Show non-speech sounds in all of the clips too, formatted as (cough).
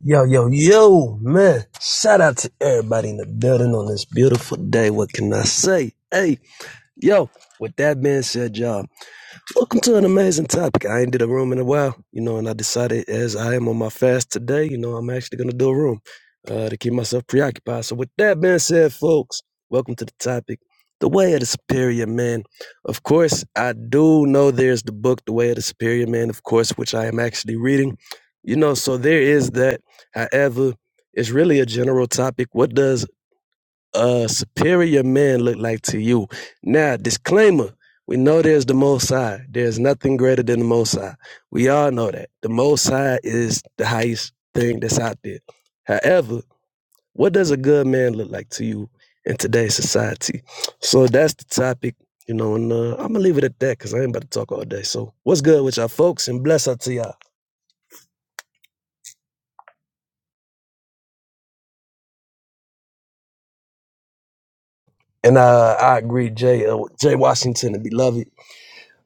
Yo, yo, yo, man. Shout out to everybody in the building on this beautiful day. What can I say? Hey, yo, with that being said, y'all. Welcome to an amazing topic. I ain't did a room in a while, you know, and I decided as I am on my fast today, you know, I'm actually going to do a room uh, to keep myself preoccupied. So, with that being said, folks, welcome to the topic The Way of the Superior Man. Of course, I do know there's the book, The Way of the Superior Man, of course, which I am actually reading, you know, so there is that. However, it's really a general topic. What does uh superior men look like to you. Now, disclaimer, we know there's the most high. There's nothing greater than the most high. We all know that. The most high is the highest thing that's out there. However, what does a good man look like to you in today's society? So that's the topic, you know, and uh, I'm gonna leave it at that because I ain't about to talk all day. So what's good with y'all folks and bless up to y'all. And uh, I agree, Jay, uh, Jay Washington, the beloved.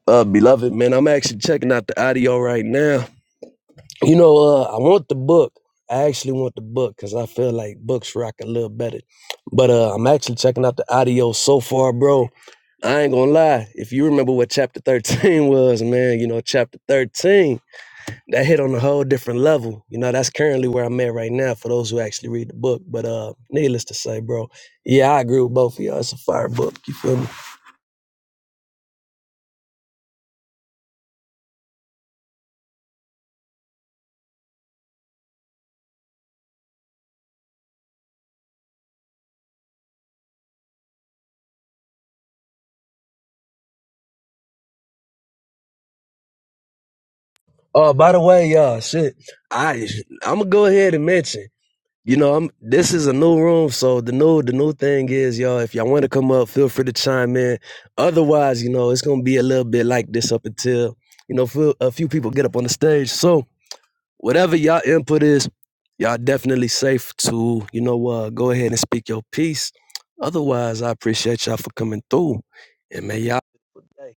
Uh, beloved, man, I'm actually checking out the audio right now You know, uh, I want the book. I actually want the book because I feel like books rock a little better. But uh, I'm actually checking out the audio so far, bro. I ain't gonna lie. If you remember what chapter 13 (laughs) was, man, you know, chapter 13, that hit on a whole different level. You know, that's currently where I'm at right now for those who actually read the book. But uh, needless to say, bro, yeah, I agree with both of y'all. It's a fire book. You feel me? Oh, by the way, y'all, shit, I I'm gonna go ahead and mention. You know, I'm, this is a new room, so the new the new thing is, y'all. If y'all want to come up, feel free to chime in. Otherwise, you know, it's gonna be a little bit like this up until you know feel, a few people get up on the stage. So whatever y'all input is, y'all definitely safe to you know uh, go ahead and speak your piece. Otherwise, I appreciate y'all for coming through, and may y'all hey,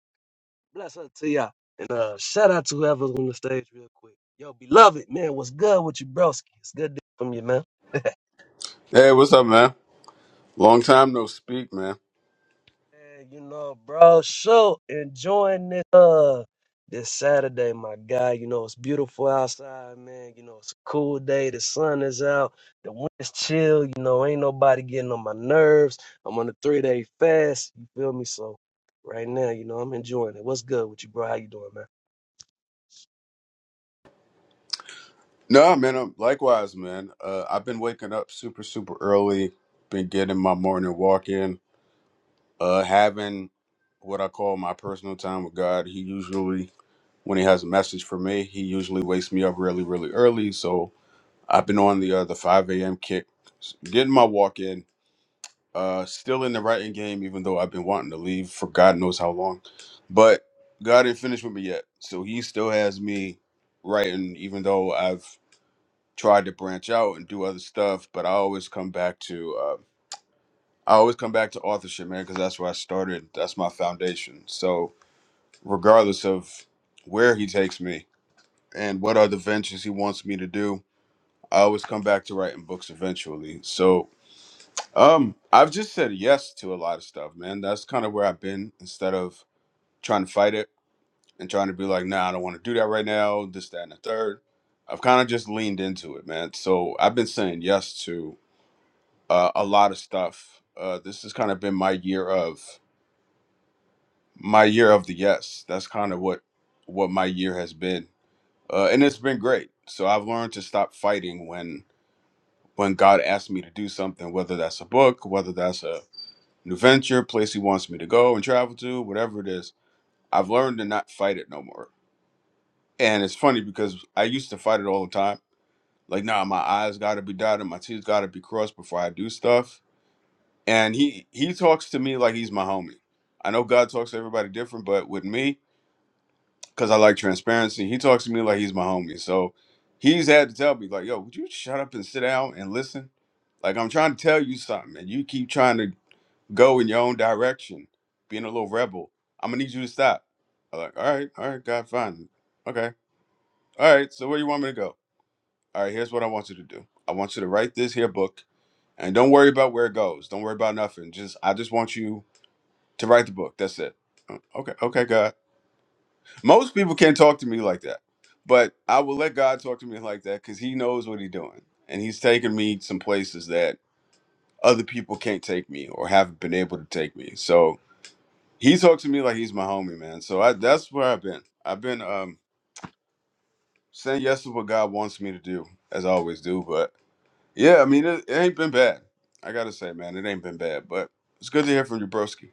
bless up to y'all. And uh, shout out to whoever's on the stage real quick. Yo, beloved man, what's good with you, broski? It's good to hear from you, man. Hey, what's up, man? Long time no speak, man. Yeah, you know, bro, so enjoying this uh this Saturday, my guy. You know, it's beautiful outside, man. You know, it's a cool day. The sun is out. The wind's chill. You know, ain't nobody getting on my nerves. I'm on a three day fast. You feel me? So right now, you know, I'm enjoying it. What's good with you, bro? How you doing, man? No, man. I'm, likewise, man. Uh, I've been waking up super, super early. Been getting my morning walk in. Uh, having what I call my personal time with God. He usually, when he has a message for me, he usually wakes me up really, really early. So I've been on the uh, the 5 a.m. kick, getting my walk in, Uh, still in the writing game, even though I've been wanting to leave for God knows how long. But God didn't finish with me yet, so He still has me writing, even though I've tried to branch out and do other stuff. But I always come back to uh, I always come back to authorship, man, because that's where I started. That's my foundation. So regardless of where He takes me and what other ventures He wants me to do, I always come back to writing books eventually. So Um, I've just said yes to a lot of stuff, man. That's kind of where I've been instead of trying to fight it and trying to be like, nah, I don't want to do that right now, this, that, and the third. I've kind of just leaned into it, man. So I've been saying yes to uh, a lot of stuff. Uh, this has kind of been my year of my year of the yes. That's kind of what what my year has been, uh, and it's been great. So I've learned to stop fighting when when God asks me to do something, whether that's a book, whether that's a new venture, place he wants me to go and travel to, whatever it is. I've learned to not fight it no more. And it's funny because I used to fight it all the time. Like, nah, my eyes gotta be dotted, my T's gotta be crossed before I do stuff. And he he talks to me like he's my homie. I know God talks to everybody different, but with me, because I like transparency, he talks to me like he's my homie. So he's had to tell me, like, yo, would you shut up and sit down and listen? Like I'm trying to tell you something, and you keep trying to go in your own direction, being a little rebel. I'm gonna need you to stop. I'm like, all right, all right, God, fine. Okay. All right, so where you want me to go? All right, here's what I want you to do. I want you to write this here book and don't worry about where it goes. Don't worry about nothing. Just I just want you to write the book. That's it. "Oh, Okay, okay, God. Most people can't talk to me like that. But I will let God talk to me like that because He knows what He's doing. And He's taking me some places that other people can't take me or haven't been able to take me. So he talks to me like he's my homie, man. So I that's where I've been. I've been um saying yes to what God wants me to do, as I always do. But yeah, I mean it, it ain't been bad. I gotta say, man, it ain't been bad. But it's good to hear from you, broski.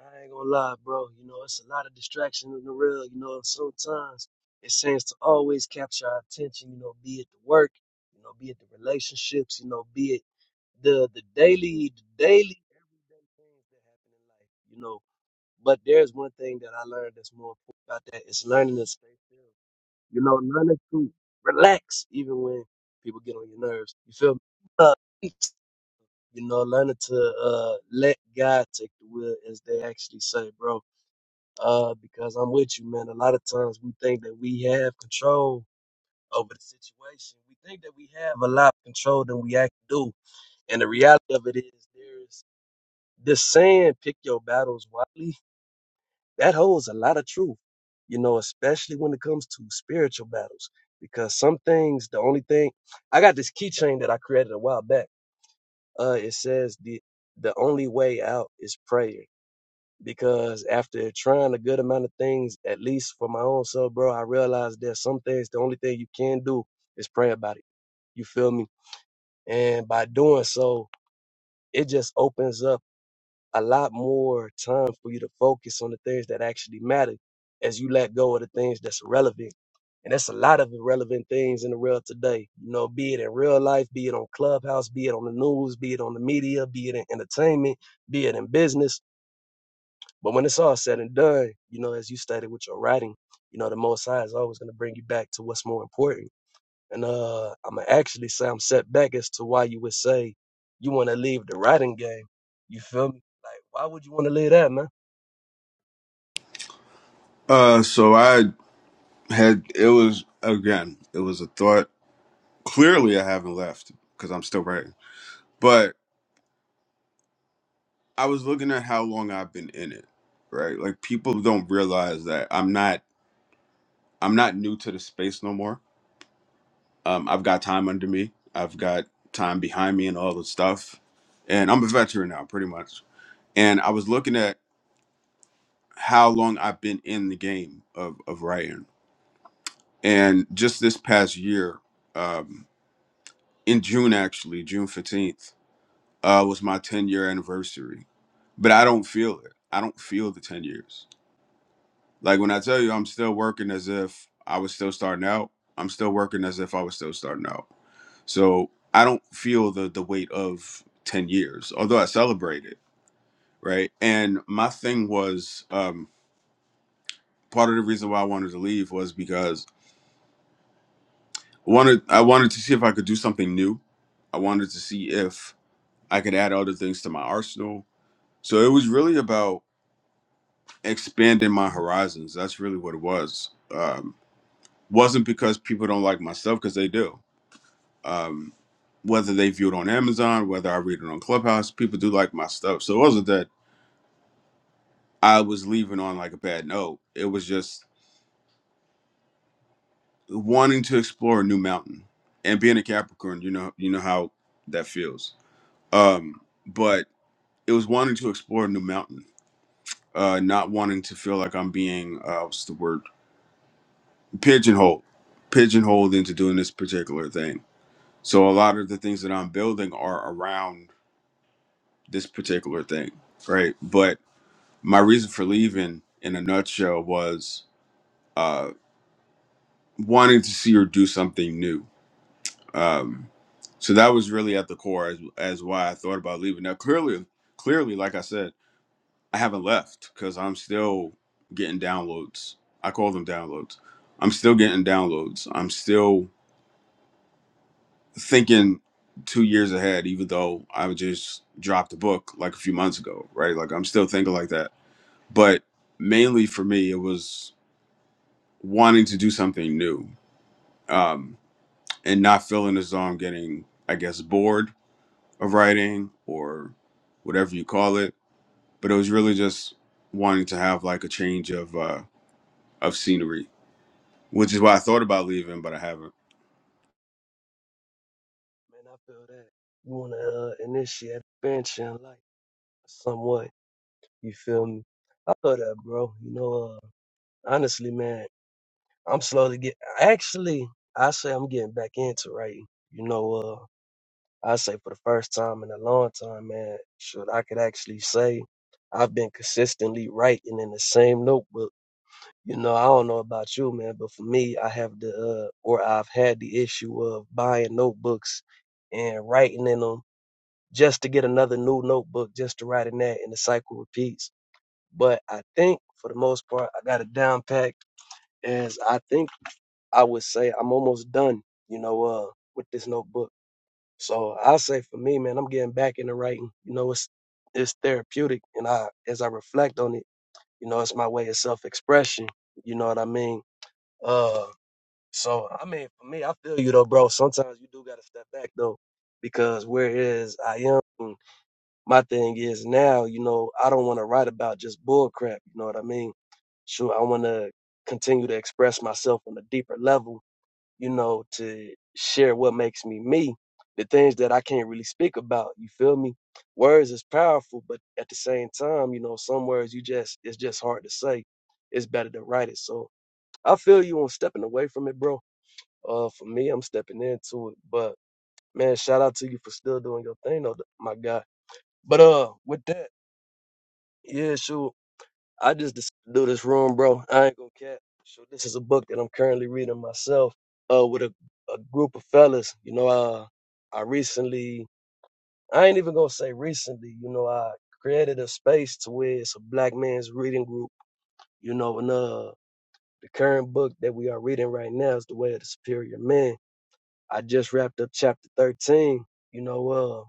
I ain't gonna lie, bro. You know, it's a lot of distraction in the real. You know, and sometimes it seems to always capture our attention. You know, be it the work, you know, be it the relationships, you know, be it the the daily, the daily, everyday things that happen in life. You know, but there's one thing that I learned that's more important about that. It's learning to stay still. You know, learning to relax even when people get on your nerves. You feel me? Uh, you know, learning to uh, let God take the wheel, as they actually say, bro uh, because I'm with you, man. A lot of times we think that we have control over the situation. We think that we have a lot of control than we actually do. And the reality of it is, there's this saying, pick your battles wisely, that holds a lot of truth, you know, especially when it comes to spiritual battles. Because some things, the only thing, I got this keychain that I created a while back. Uh, it says the the only way out is prayer. because after trying a good amount of things, at least for my own self, bro, I realized that some things the only thing you can do is pray about it. You feel me? And by doing so, it just opens up a lot more time for you to focus on the things that actually matter as you let go of the things that's irrelevant. And that's a lot of irrelevant things in the world today. You know, be it in real life, be it on Clubhouse, be it on the news, be it on the media, be it in entertainment, be it in business but when it's all said and done, you know, as you stated with your writing, you know, the Most High is always going to bring you back to what's more important. And uh, I'm gonna actually say I'm set back as to why you would say you want to leave the writing game. You feel me? Like, why would you want to leave that, man? Uh so I had it was again, it was a thought. Clearly I haven't left because I'm still writing. But I was looking at how long I've been in it. Right? Like people don't realize that I'm not I'm not new to the space no more Um, I've got time under me. I've got time behind me and all the stuff. And I'm a veteran now, pretty much. And I was looking at how long I've been in the game of, of writing. And just this past year, um, in June actually, June 15th, uh, was my 10 year anniversary. But I don't feel it. I don't feel the 10 years. Like when I tell you I'm still working as if I was still starting out, I'm still working as if I was still starting out So I don't feel the the weight of ten years, although I celebrate it, right? And my thing was um, part of the reason why I wanted to leave was because I wanted I wanted to see if I could do something new. I wanted to see if I could add other things to my arsenal. So it was really about expanding my horizons. That's really what it was. Um, wasn't because people don't like my stuff because they do. Um, whether they view it on Amazon, whether I read it on Clubhouse, people do like my stuff. So it wasn't that I was leaving on like a bad note. It was just wanting to explore a new mountain. And being a Capricorn, you know you know how that feels. Um, but it was wanting to explore a new mountain, uh, not wanting to feel like I'm being uh, what's the word pigeonholed, pigeonholed into doing this particular thing. So a lot of the things that I'm building are around this particular thing, right? But my reason for leaving, in a nutshell, was uh, wanting to see or do something new Um, so that was really at the core as, as why I thought about leaving. Now, clearly, clearly, like I said, I haven't left because I'm still getting downloads. I call them downloads. I'm still getting downloads. I'm still thinking two years ahead, even though I just dropped a book like a few months ago, right? Like I'm still thinking like that. But mainly for me, it was wanting to do something new um, and not feeling as though I'm getting, I guess, bored of writing or whatever you call it, but it was really just wanting to have like a change of uh of scenery, which is why I thought about leaving, but I haven't. Man, I feel that you want to uh, initiate adventure in life somewhat. You feel me? I feel that, bro. You know, uh, honestly, man, I'm slowly get. Actually, I say I'm getting back into writing. You know, uh, I say for the first time in a long time, man, should I could actually say I've been consistently writing in the same notebook. You know, I don't know about you, man, but for me, I have the uh, or I've had the issue of buying notebooks and writing in them just to get another new notebook just to write in that, and the cycle repeats. But I think for the most part, I got it down packed. As I think I would say, I'm almost done. You know, uh, with this notebook. So I say for me, man, I'm getting back into writing. You know, it's it's therapeutic, and I as I reflect on it, you know, it's my way of self-expression. You know what I mean? Uh, so I mean, for me, I feel you though, bro. Sometimes you do gotta step back though, because whereas I am, and my thing is now, you know, I don't want to write about just bull crap. You know what I mean? Sure, I want to continue to express myself on a deeper level you know, to share what makes me me, the things that I can't really speak about. You feel me? Words is powerful, but at the same time, you know, some words you just it's just hard to say. It's better to write it. So I feel you on stepping away from it, bro. Uh, for me, I'm stepping into it. But man, shout out to you for still doing your thing, though, my guy. But uh, with that, yeah, sure. I just decided to do this room, bro. I ain't gonna cap. So this is a book that I'm currently reading myself, uh, with a, a group of fellas. You know, uh, I recently, I ain't even gonna say recently. You know, I created a space to where it's a black man's reading group. You know, and uh, the current book that we are reading right now is The Way of the Superior Man. I just wrapped up chapter 13. You know, uh,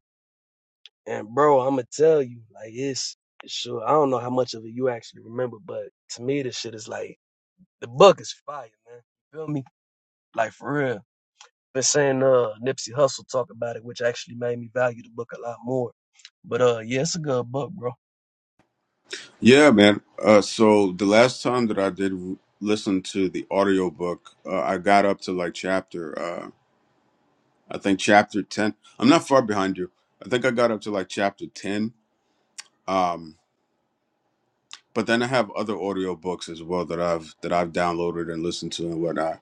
and bro, I'ma tell you, like it's sure I don't know how much of it you actually remember, but to me, this shit is like The book is fire, man. You feel me? Like for real. Been saying uh Nipsey Hustle talk about it, which actually made me value the book a lot more. But uh yeah, it's a good book, bro. Yeah, man. Uh so the last time that I did w- listen to the audiobook, uh, I got up to like chapter uh I think chapter 10. I'm not far behind you. I think I got up to like chapter 10. Um but then I have other audiobooks as well that I've that I've downloaded and listened to and whatnot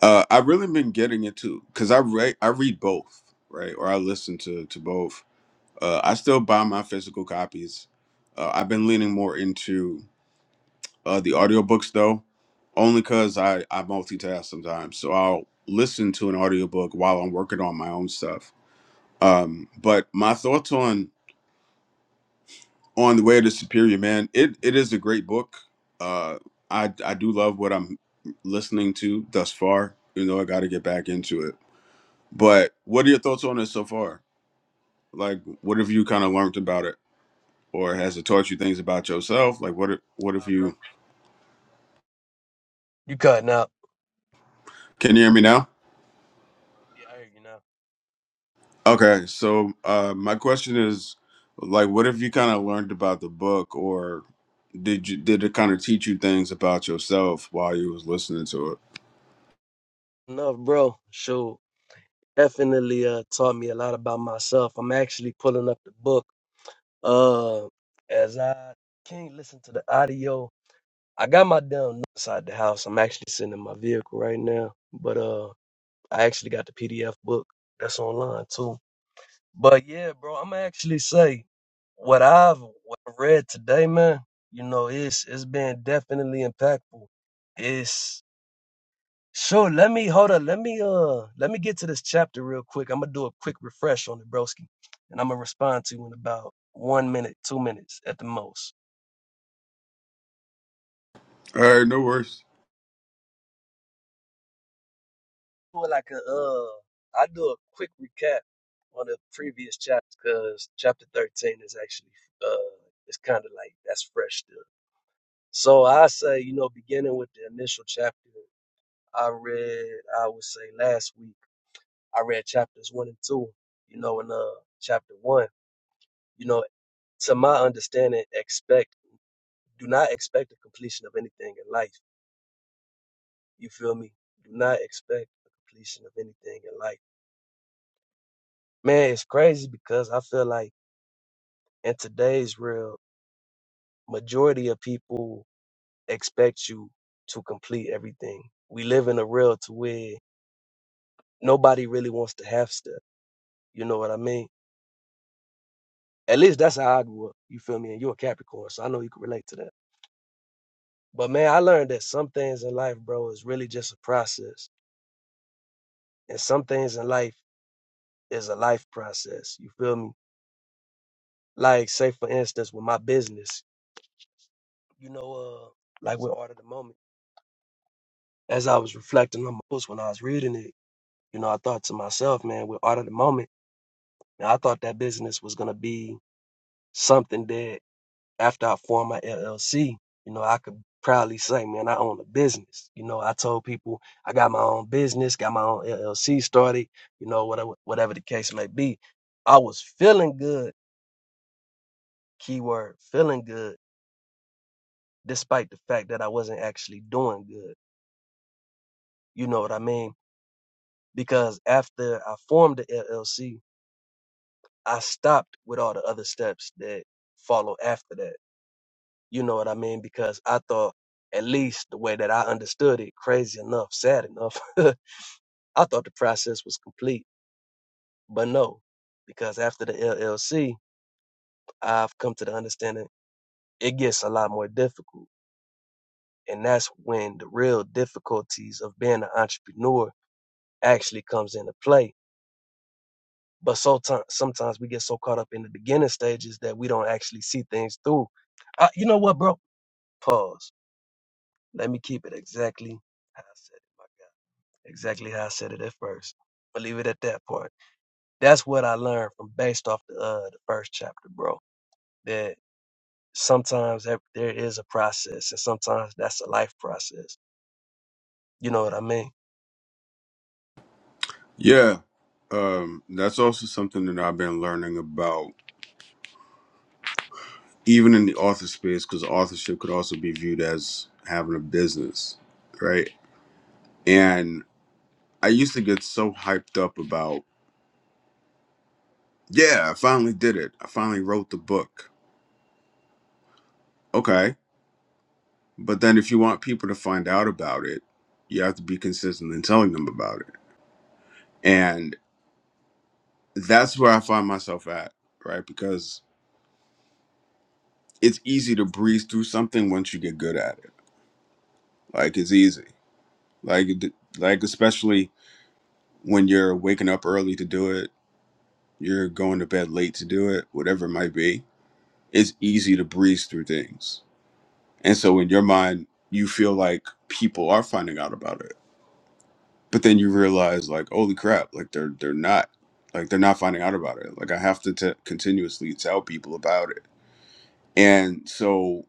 Uh, I've really been getting into because I read I read both, right? Or I listen to to both. Uh, I still buy my physical copies. Uh, I've been leaning more into uh, the audiobooks though, only because I I multitask sometimes. So I'll listen to an audiobook while I'm working on my own stuff. Um, but my thoughts on on the way of the superior man, it it is a great book. Uh, I I do love what I'm listening to thus far. You know, I got to get back into it But what are your thoughts on it so far? Like, what have you kind of learned about it, or has it taught you things about yourself? Like, what if- what if you You cutting out. can you hear me now? Yeah, I hear you now. Okay, so uh, my question is, like, what have you kind of learned about the book, or did you did it kind of teach you things about yourself while you was listening to it? Enough, bro. Sure. Definitely uh taught me a lot about myself. I'm actually pulling up the book. Uh as I can't listen to the audio. I got my damn notes inside the house. I'm actually sitting in my vehicle right now. But uh I actually got the PDF book that's online too. But yeah, bro, I'm actually say what I've what I read today, man. You know, it's it's been definitely impactful. It's sure. Let me hold up. Let me uh. Let me get to this chapter real quick. I'm gonna do a quick refresh on it, broski, and I'm gonna respond to you in about one minute, two minutes at the most. All right, no worries. Do it like a uh. I do a quick recap on the previous chapters because chapter 13 is actually uh. It's kind of like that's fresh still. So I say, you know, beginning with the initial chapter I read, I would say last week, I read chapters one and two, you know, in uh chapter one, you know, to my understanding, expect do not expect the completion of anything in life. You feel me? Do not expect the completion of anything in life. Man, it's crazy because I feel like in today's real majority of people expect you to complete everything. We live in a world to where nobody really wants to half step You know what I mean? At least that's how I'd work. You feel me? And you're a Capricorn, so I know you can relate to that. But man, I learned that some things in life, bro, is really just a process. And some things in life is a life process. You feel me? Like, say for instance, with my business, you know, uh, like with Art of the Moment. As I was reflecting on my books when I was reading it, you know, I thought to myself, man, with Art of the Moment, man, I thought that business was gonna be something that after I formed my LLC, you know, I could proudly say, man, I own a business. You know, I told people I got my own business, got my own LLC started, you know, whatever, whatever the case may be. I was feeling good, keyword, feeling good, despite the fact that I wasn't actually doing good. You know what I mean? Because after I formed the LLC, I stopped with all the other steps that follow after that. You know what I mean? Because I thought, at least the way that I understood it, crazy enough, sad enough, (laughs) I thought the process was complete. But no, because after the LLC, I've come to the understanding it gets a lot more difficult. And that's when the real difficulties of being an entrepreneur actually comes into play. But so ti- sometimes we get so caught up in the beginning stages that we don't actually see things through. Uh, you know what, bro? Pause. Let me keep it exactly how I said it. Exactly how I said it at first. But leave it at that part. That's what I learned from based off the uh the first chapter, bro. That sometimes that there is a process, and sometimes that's a life process. You know what I mean? Yeah, um, that's also something that I've been learning about, even in the author space, because authorship could also be viewed as having a business, right? And I used to get so hyped up about, yeah, I finally did it. I finally wrote the book. Okay. But then if you want people to find out about it, you have to be consistent in telling them about it. And that's where I find myself at, right? Because it's easy to breeze through something once you get good at it. Like it's easy. Like it- like especially when you're waking up early to do it, you're going to bed late to do it, whatever it might be. It's easy to breeze through things And so in your mind, you feel like people are finding out about it. But then you realize like, holy crap, like they're they're not like they're not finding out about it. Like I have to t- continuously tell people about it. And so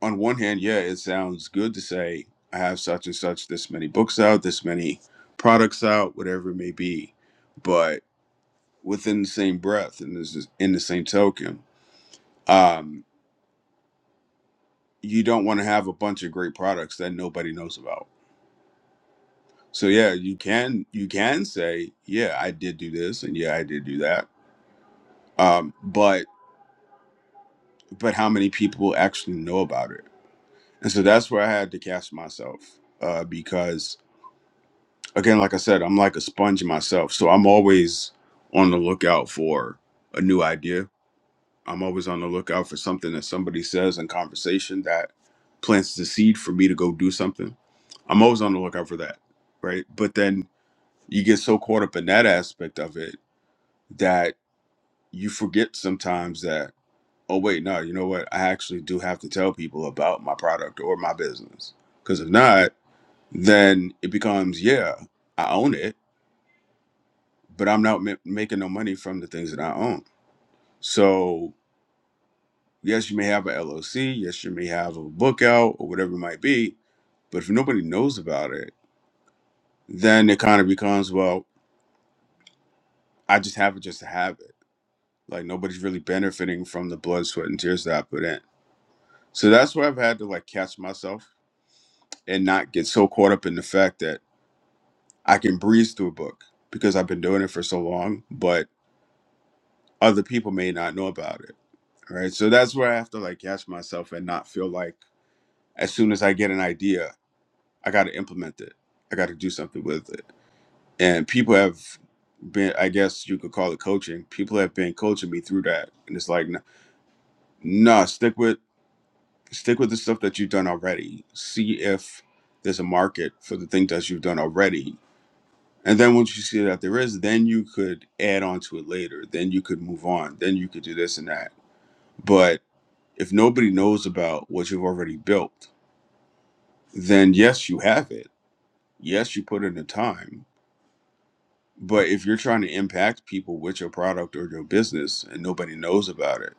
on one hand, yeah, it sounds good to say I have such and such this many books out, this many products out, whatever it may be. But within the same breath and this is in the same token, um, you don't want to have a bunch of great products that nobody knows about So yeah, you can you can say, yeah, I did do this and yeah, I did do that. Um, but but how many people actually know about it? And so that's where I had to cast myself uh, because again, like I said, I'm like a sponge myself. So I'm always on the lookout for a new idea. I'm always on the lookout for something that somebody says in conversation that plants the seed for me to go do something. I'm always on the lookout for that, right? But then you get so caught up in that aspect of it that you forget sometimes that oh wait no you know what i actually do have to tell people about my product or my business because if not then it becomes yeah i own it but i'm not ma- making no money from the things that i own so yes you may have a llc yes you may have a book out or whatever it might be but if nobody knows about it then it kind of becomes well i just have it just to have it like nobody's really benefiting from the blood sweat and tears that i put in so that's where i've had to like catch myself and not get so caught up in the fact that I can breeze through a book because I've been doing it for so long, but other people may not know about it. Right. So that's where I have to like catch myself and not feel like as soon as I get an idea, I got to implement it. I got to do something with it. And people have been, I guess you could call it coaching. People have been coaching me through that. And it's like, no, nah, stick with, stick with the stuff that you've done already. See if there's a market for the things that you've done already And then once you see that there is, then you could add on to it later. Then you could move on. Then you could do this and that. But if nobody knows about what you've already built, then yes, you have it. Yes, you put in the time. But if you're trying to impact people with your product or your business and nobody knows about it,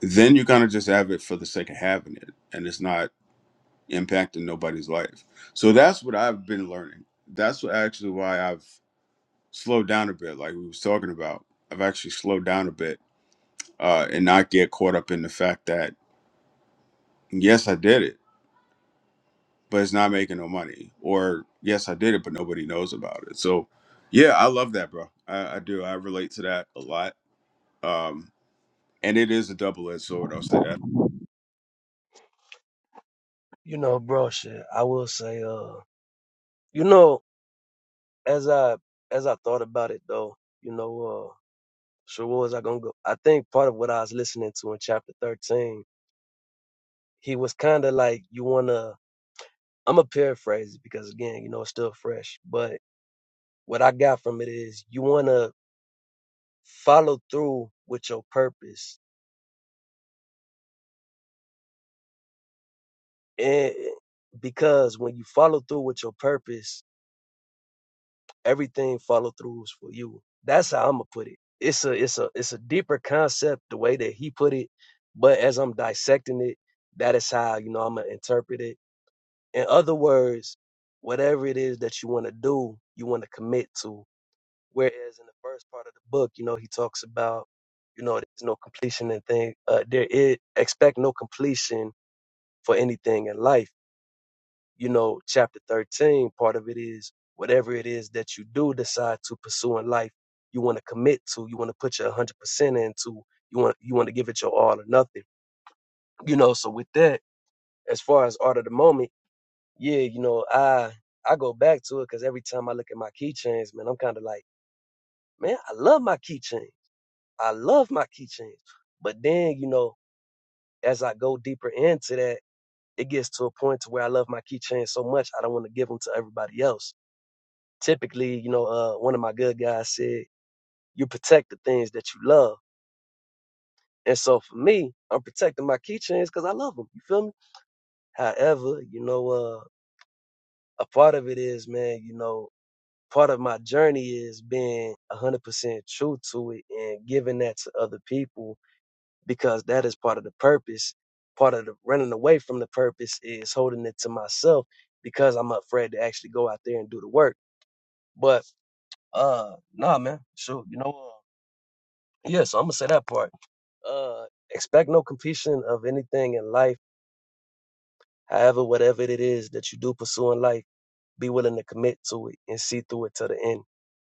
then you kind of just have it for the sake of having it and it's not impacting nobody's life. So that's what I've been learning. That's what actually why I've slow down a bit, like we was talking about. I've actually slowed down a bit uh, and not get caught up in the fact that yes, I did it, but it's not making no money, or yes, I did it, but nobody knows about it. So, yeah, I love that, bro. I, I do. I relate to that a lot, um, and it is a double-edged sword. I'll say that. You know, bro. Shit, I will say, uh, you know, as I as I thought about it though, you know, uh, so what was I gonna go? I think part of what I was listening to in chapter thirteen, he was kind of like, you wanna. I'm gonna paraphrase it because again, you know, it's still fresh, but what I got from it is you want to follow through with your purpose. And because when you follow through with your purpose, everything follow through is for you. That's how I'm gonna put it. It's a it's a it's a deeper concept the way that he put it, but as I'm dissecting it, that is how you know I'm gonna interpret it. In other words, whatever it is that you want to do, you want to commit to Whereas in the first part of the book, you know, he talks about, you know, there's no completion in thing. Uh, there is expect no completion for anything in life. You know, chapter 13, part of it is whatever it is that you do decide to pursue in life, you want to commit to, you want to put your 100% into, you want you want to give it your all or nothing. You know, so with that, as far as art of the moment, yeah, you know, I I go back to it because every time I look at my keychains, man, I'm kind of like, man, I love my keychain. I love my keychains. But then, you know, as I go deeper into that, it gets to a point to where I love my keychains so much I don't want to give them to everybody else. Typically, you know, uh, one of my good guys said, "You protect the things that you love." And so for me, I'm protecting my keychains because I love them. You feel me? However, you know, uh, a part of it is, man, you know, part of my journey is being 100% true to it and giving that to other people because that is part of the purpose. Part of the running away from the purpose is holding it to myself because I'm afraid to actually go out there and do the work. But uh nah man, sure. You know uh, yeah, so I'm gonna say that part. Uh expect no completion of anything in life, however, whatever it is that you do pursue in life, be willing to commit to it and see through it to the end.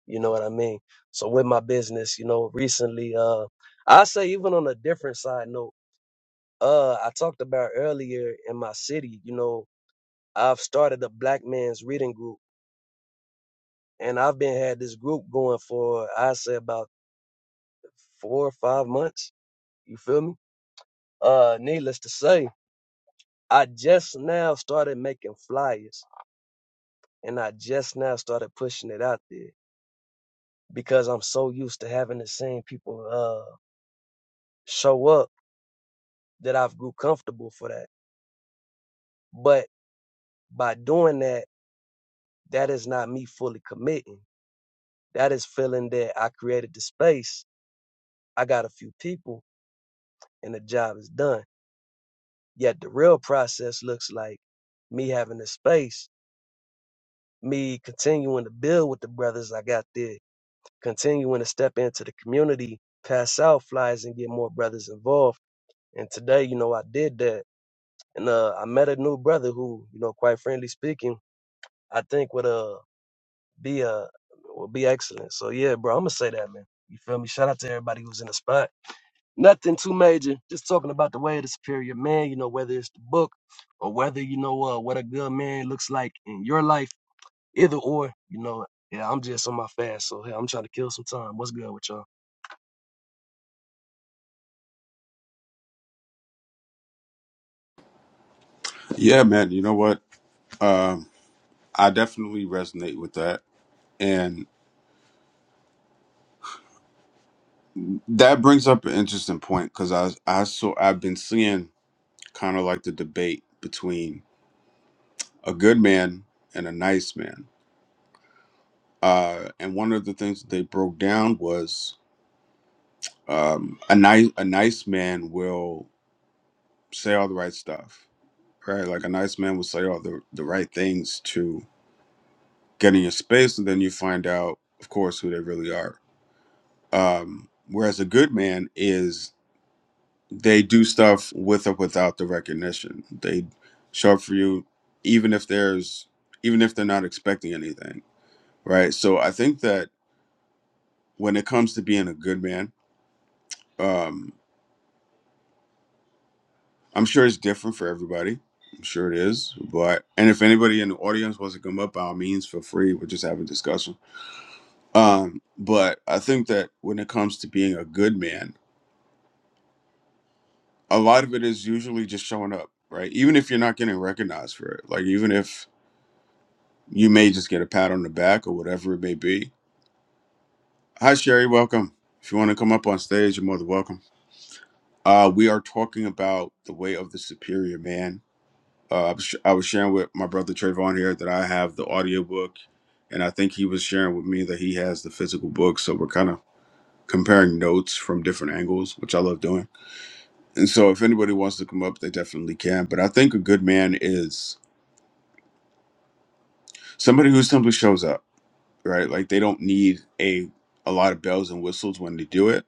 You know what I mean? So with my business, you know, recently uh I say even on a different side note uh I talked about earlier in my city, you know, I've started a black man's reading group and I've been had this group going for I say about four or five months. You feel me? Uh needless to say, I just now started making flyers and I just now started pushing it out there because I'm so used to having the same people uh show up that I've grew comfortable for that. But by doing that, that is not me fully committing That is feeling that I created the space, I got a few people, and the job is done. Yet the real process looks like me having the space, me continuing to build with the brothers I got there, continuing to step into the community, pass out flyers, and get more brothers involved. And today, you know, I did that. And uh, I met a new brother who, you know, quite frankly speaking, I think would uh, be a would be excellent. So yeah, bro, I'm gonna say that, man. You feel me? Shout out to everybody who's in the spot. Nothing too major. Just talking about the way of the superior man, you know, whether it's the book or whether, you know, uh, what a good man looks like in your life, either or, you know, yeah, I'm just on my fast, so hey, I'm trying to kill some time. What's good with y'all? Yeah, man. You know what? Um, I definitely resonate with that, and that brings up an interesting point because I I saw I've been seeing kind of like the debate between a good man and a nice man. Uh, and one of the things that they broke down was um, a nice a nice man will say all the right stuff, right? Like a nice man will say all the the right things to get in your space, and then you find out, of course, who they really are. Um, whereas a good man is they do stuff with or without the recognition. They show up for you, even if there's even if they're not expecting anything, right? So I think that when it comes to being a good man, um, I'm sure it's different for everybody. I'm sure it is. But and if anybody in the audience wants to come up, by all means, feel free. We're just having a discussion. Um, but I think that when it comes to being a good man, a lot of it is usually just showing up, right? Even if you're not getting recognized for it, like even if you may just get a pat on the back or whatever it may be. Hi, Sherry. Welcome. If you want to come up on stage, you're more than welcome. Uh, we are talking about the way of the superior man Uh, I was I was sharing with my brother Trayvon here that I have the audiobook, and I think he was sharing with me that he has the physical book. So we're kind of comparing notes from different angles, which I love doing. And so if anybody wants to come up, they definitely can. But I think a good man is somebody who simply shows up, right? Like they don't need a a lot of bells and whistles when they do it.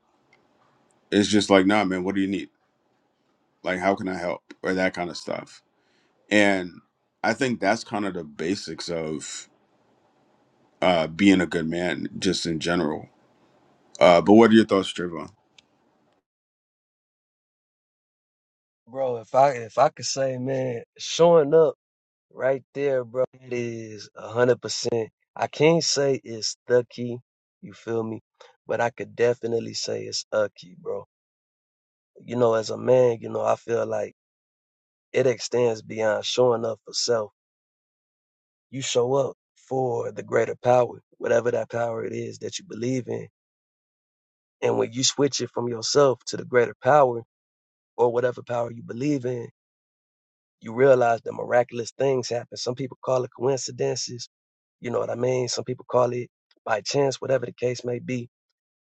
It's just like, nah, man, what do you need? Like, how can I help? Or that kind of stuff. And I think that's kind of the basics of uh, being a good man just in general. Uh, but what are your thoughts, Trayvon? Bro, if I if I could say, man, showing up right there, bro, it a is a hundred percent. I can't say it's the key, you feel me? But I could definitely say it's a key, bro. You know, as a man, you know, I feel like it extends beyond showing up for self you show up for the greater power, whatever that power it is that you believe in. And when you switch it from yourself to the greater power or whatever power you believe in, you realize that miraculous things happen. Some people call it coincidences. You know what I mean? Some people call it by chance, whatever the case may be.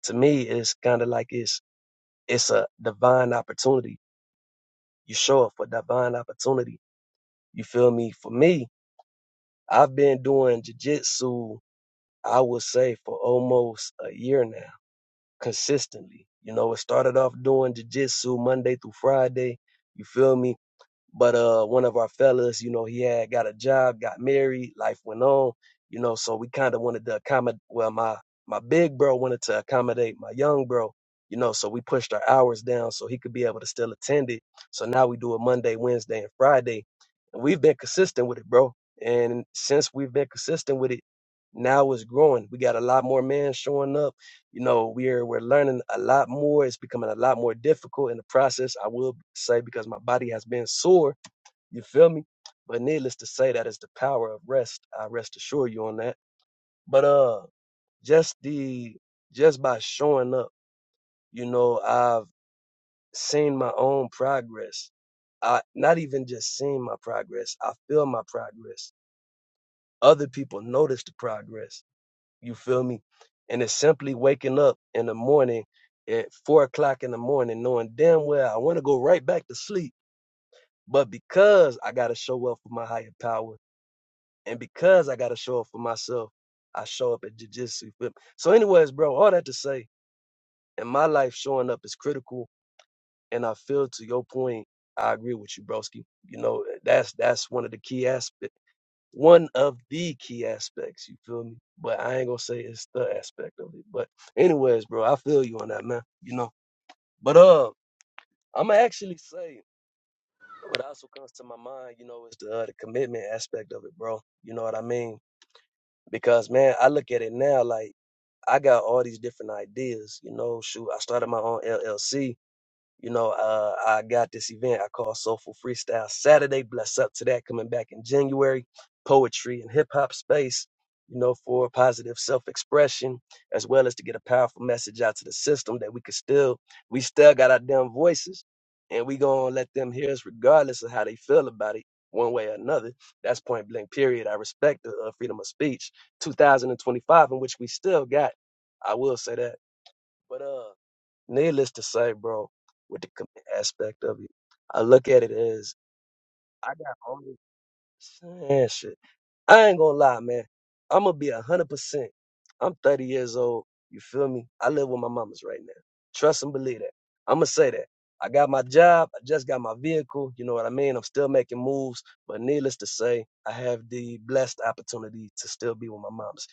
To me, it's kind of like it's it's a divine opportunity. You show up for divine opportunity. You feel me? For me, I've been doing jujitsu, I would say, for almost a year now consistently. You know, it started off doing jujitsu Monday through Friday. You feel me? But uh, one of our fellas, you know, he had got a job, got married, life went on. You know, so we kind of wanted to accommodate. Well, my my big bro wanted to accommodate my young bro. You know, so we pushed our hours down so he could be able to still attend it. So now we do it Monday, Wednesday, and Friday, and we've been consistent with it, bro. And since we've been consistent with it, now it's growing. We got a lot more men showing up you know we're we're learning a lot more it's becoming a lot more difficult in the process i will say because my body has been sore you feel me but needless to say that is the power of rest i rest assure you on that but uh just the just by showing up you know i've seen my own progress i not even just seen my progress i feel my progress other people notice the progress You feel me? And it's simply waking up in the morning at four o'clock in the morning, knowing damn well I want to go right back to sleep. But because I got to show up for my higher power and because I got to show up for myself, I show up at jujitsu. You So, anyways, bro, all that to say, in my life, showing up is critical. And I feel to your point, I agree with you, broski. You know, that's that's one of the key aspects one of the key aspects. You feel me? But I ain't gonna say it's the aspect of it. But anyways, bro, I feel you on that, man. You know. But uh, I'ma actually say what also comes to my mind, you know, is the uh, the commitment aspect of it, bro. You know what I mean? Because man, I look at it now like I got all these different ideas. You know, shoot, I started my own LLC You know, uh, I got this event I call Soulful Freestyle Saturday. Bless up to that coming back in January. Poetry and hip hop space, you know, for positive self expression, as well as to get a powerful message out to the system that we could still, we still got our damn voices and we gonna let them hear us regardless of how they feel about it, one way or another. That's point blank, period. I respect the uh, freedom of speech 2025, in which we still got. I will say that. But, uh, Needless to say, bro, with the commit aspect of it, I look at it as I got all this man, shit. I ain't gonna lie, man. I'm gonna be a hundred percent. I'm 30 years old. You feel me? I live with my mamas right now. Trust and believe that. I'm gonna say that. I got my job. I just got my vehicle. You know what I mean? I'm still making moves, but needless to say, I have the blessed opportunity to still be with my mamas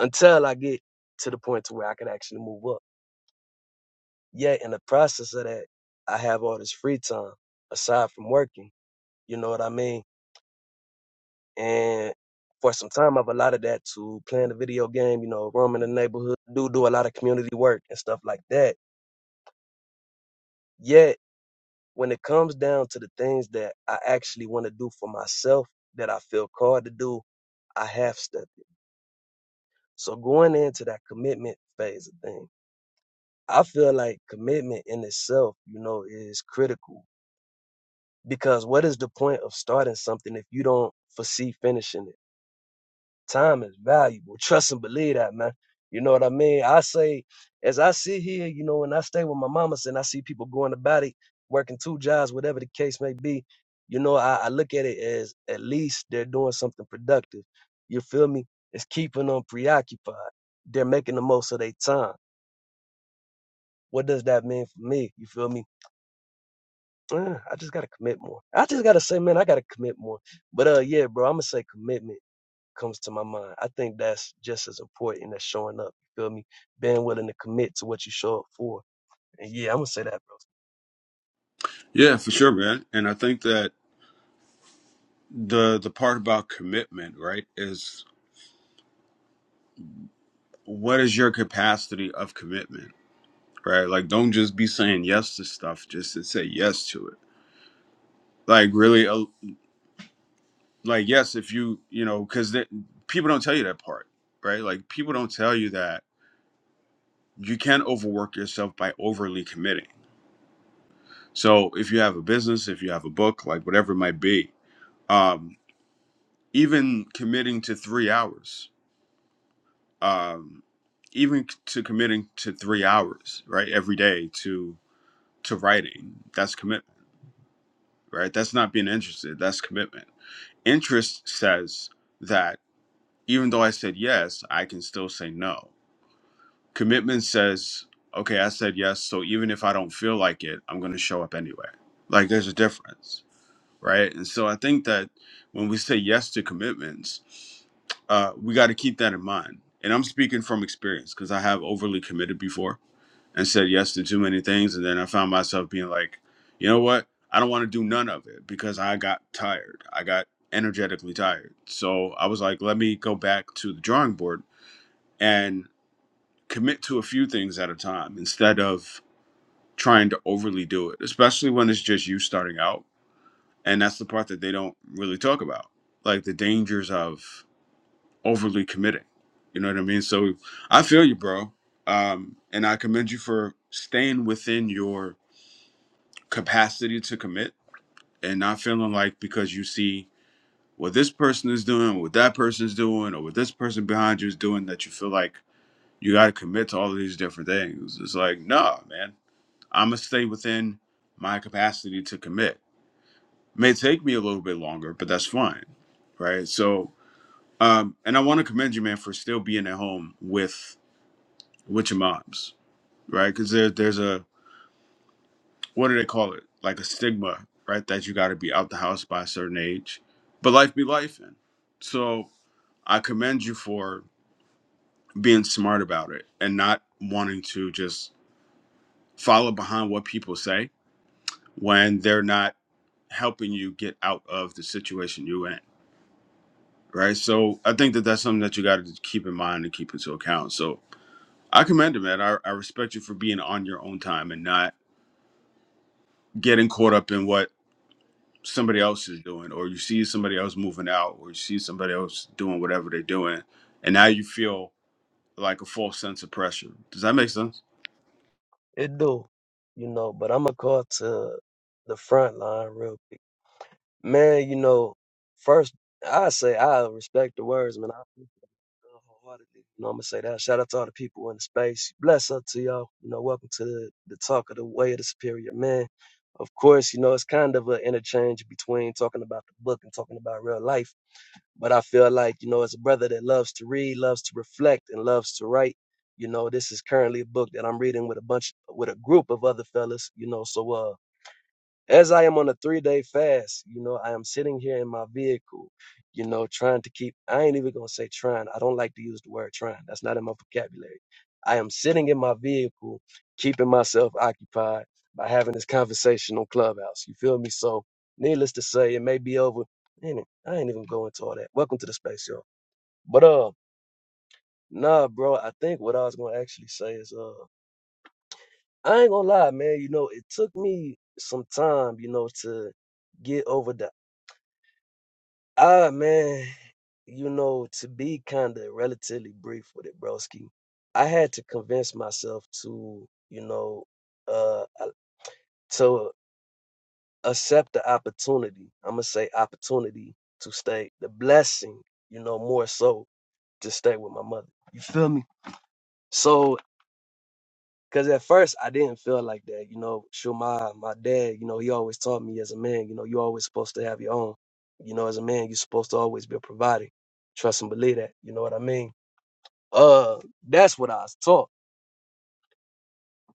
until I get to the point to where I can actually move up. Yet in the process of that, I have all this free time aside from working. You know what I mean? And for some time, I've allotted that to playing the video game. You know, roaming the neighborhood, do do a lot of community work and stuff like that. Yet when it comes down to the things that I actually want to do for myself, that I feel called to do, I half stepped it. So going into that commitment phase of things, I feel like commitment in itself, you know, is critical Because what is the point of starting something if you don't foresee finishing it? Time is valuable. (laughs) Trust and believe that, man. You know what I mean? I say, as I sit here, you know, and I stay with my mamas and I see people going about it, working two jobs, whatever the case may be, you know, I, I look at it as at least they're doing something productive. You feel me? It's keeping them preoccupied. They're making the most of their time. What does that mean for me? You feel me? Uh, I just gotta commit more. I just gotta say, man, I gotta commit more. But uh, yeah, bro, I'm gonna say commitment comes to my mind. I think that's just as important as showing up. You feel me? Being willing to commit to what you show up for. And yeah, I'm gonna say that, bro. Yeah, for sure, man. And I think that the the part about commitment, right, is what is your capacity of commitment, right? Like, don't just be saying yes to stuff just to say yes to it. Like, really, uh, like yes, if you you know, because people don't tell you that part, right? Like, people don't tell you that you can't overwork yourself by overly committing. So, if you have a business, if you have a book, like whatever it might be, um, even committing to three hours, um, even c- to committing to three hours, right, every day to to writing, that's commitment, right? That's not being interested. That's commitment. Interest says that even though I said yes, I can still say no. Commitment says, okay, I said yes, so even if I don't feel like it, I'm going to show up anyway. Like there's a difference right? And so I think that when we say yes to commitments, uh, we got to keep that in mind. And I'm speaking from experience because I have overly committed before and said yes to too many things. And then I found myself being like, you know what? I don't want to do none of it because I got tired. I got energetically tired. So I was like, let me go back to the drawing board and commit to a few things at a time instead of trying to overly do it, especially when it's just you starting out and that's the part that they don't really talk about like the dangers of overly committing you know what i mean so i feel you bro um and i commend you for staying within your capacity to commit and not feeling like because you see what this person is doing what that person's doing or what this person behind you is doing that you feel like you got to commit to all of these different things it's like nah man i'm gonna stay within my capacity to commit may take me a little bit longer but that's fine right? So Um, and I want to commend you, man, for still being at home with with your moms, right? Because there, there's a what do they call it? Like a stigma, right? That you got to be out the house by a certain age. But life be life, and so I commend you for being smart about it and not wanting to just follow behind what people say when they're not helping you get out of the situation you're in, right? So I think that that's something that you got to keep in mind and keep into account. So I commend him, man. I, I respect you for being on your own time and not getting caught up in what somebody else is doing, or you see somebody else moving out, or you see somebody else doing whatever they're doing, and now you feel like a false sense of pressure. Does that make sense? It do, you know. But I'm gonna call to the front line real quick, man. You know, first I say I respect the words, man. I wholeheartedly. You know, I'm gonna say that. Shout out to all the people in the space. Bless up to y'all. You know, welcome to the, the talk of the way of the superior man. Of course, you know, it's kind of an interchange between talking about the book and talking about real life. But I feel like, you know, as a brother that loves to read, loves to reflect, and loves to write, you know, this is currently a book that I'm reading with a bunch with a group of other fellas, you know, so uh as I am on a three day fast, you know, I am sitting here in my vehicle, you know, trying to keep, I ain't even gonna say trying. I don't like to use the word trying. That's not in my vocabulary. I am sitting in my vehicle, keeping myself occupied by having this conversation on Clubhouse. You feel me? So, needless to say, it may be over. Man, I ain't even going to all that. Welcome to the space, y'all. But, uh, nah, bro, I think what I was gonna actually say is, uh, I ain't gonna lie, man, you know, it took me some time, you know, to get over the Ah man, you know, to be kind of relatively brief with it, broski, I had to convince myself to, you know, uh, uh, to accept the opportunity. I'm gonna say opportunity to stay, the blessing, you know, more so to stay with my mother. You feel me? So Cause at first I didn't feel like that, you know. Sure, my my dad, you know, he always taught me as a man, you know, you always supposed to have your own. You know, as a man, you're supposed to always be providing. Trust and believe that. You know what I mean? Uh, that's what I was taught.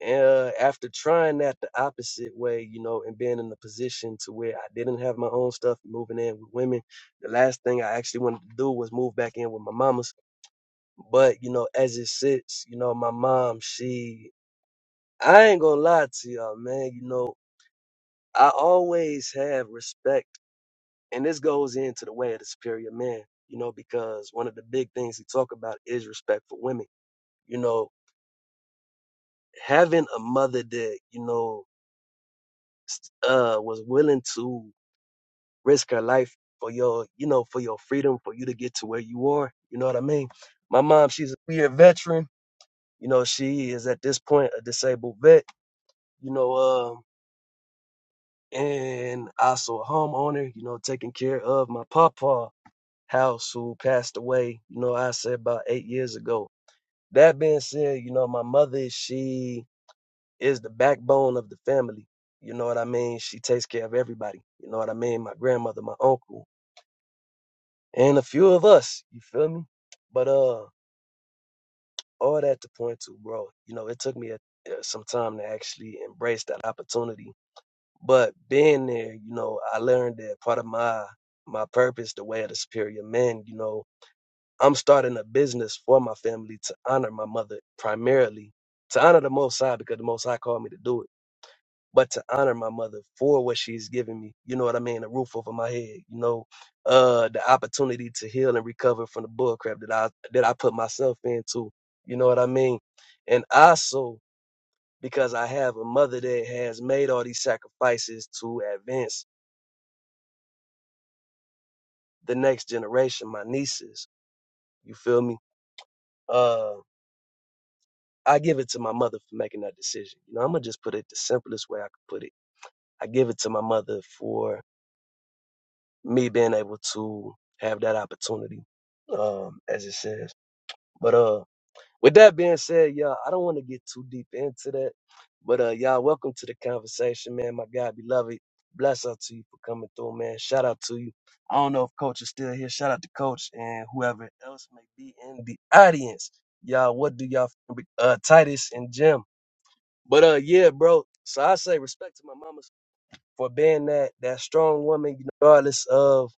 And uh, after trying that the opposite way, you know, and being in the position to where I didn't have my own stuff, moving in with women, the last thing I actually wanted to do was move back in with my mamas. But you know, as it sits, you know, my mom, she, I ain't gonna lie to y'all, man. You know, I always have respect, and this goes into the way of the superior man, you know, because one of the big things he talk about is respect for women. You know, having a mother that, you know, uh was willing to risk her life for your, you know, for your freedom, for you to get to where you are. You know what I mean? My mom, she's a year veteran. You know, she is at this point a disabled vet, you know, um, and also a homeowner, you know, taking care of my papa house who passed away, you know, I said about eight years ago. That being said, you know, my mother, she is the backbone of the family. You know what I mean? She takes care of everybody. You know what I mean? My grandmother, my uncle, and a few of us. You feel me? But uh, all that to point to, bro. You know, it took me a, uh, some time to actually embrace that opportunity. But being there, you know, I learned that part of my my purpose, the way of the superior man, you know, I'm starting a business for my family to honor my mother primarily, to honor the Most High because the Most High called me to do it, but to honor my mother for what she's given me. You know what I mean? A roof over my head. You know, uh, the opportunity to heal and recover from the bullcrap that I that I put myself into. You know what I mean? And also because I have a mother that has made all these sacrifices to advance the next generation, my nieces. You feel me? Uh, I give it to my mother for making that decision. You know, I'm gonna just put it the simplest way I could put it. I give it to my mother for me being able to have that opportunity, um, as it says. But uh, with that being said, y'all, I don't want to get too deep into that. But uh, y'all, welcome to the conversation, man. My God, beloved, bless out to you for coming through, man. Shout out to you. I don't know if Coach is still here. Shout out to Coach and whoever else may be in the audience. Y'all, what do y'all? think? Uh, Titus and Jim. But uh, yeah, bro. So I say respect to my mamas for being that that strong woman, regardless of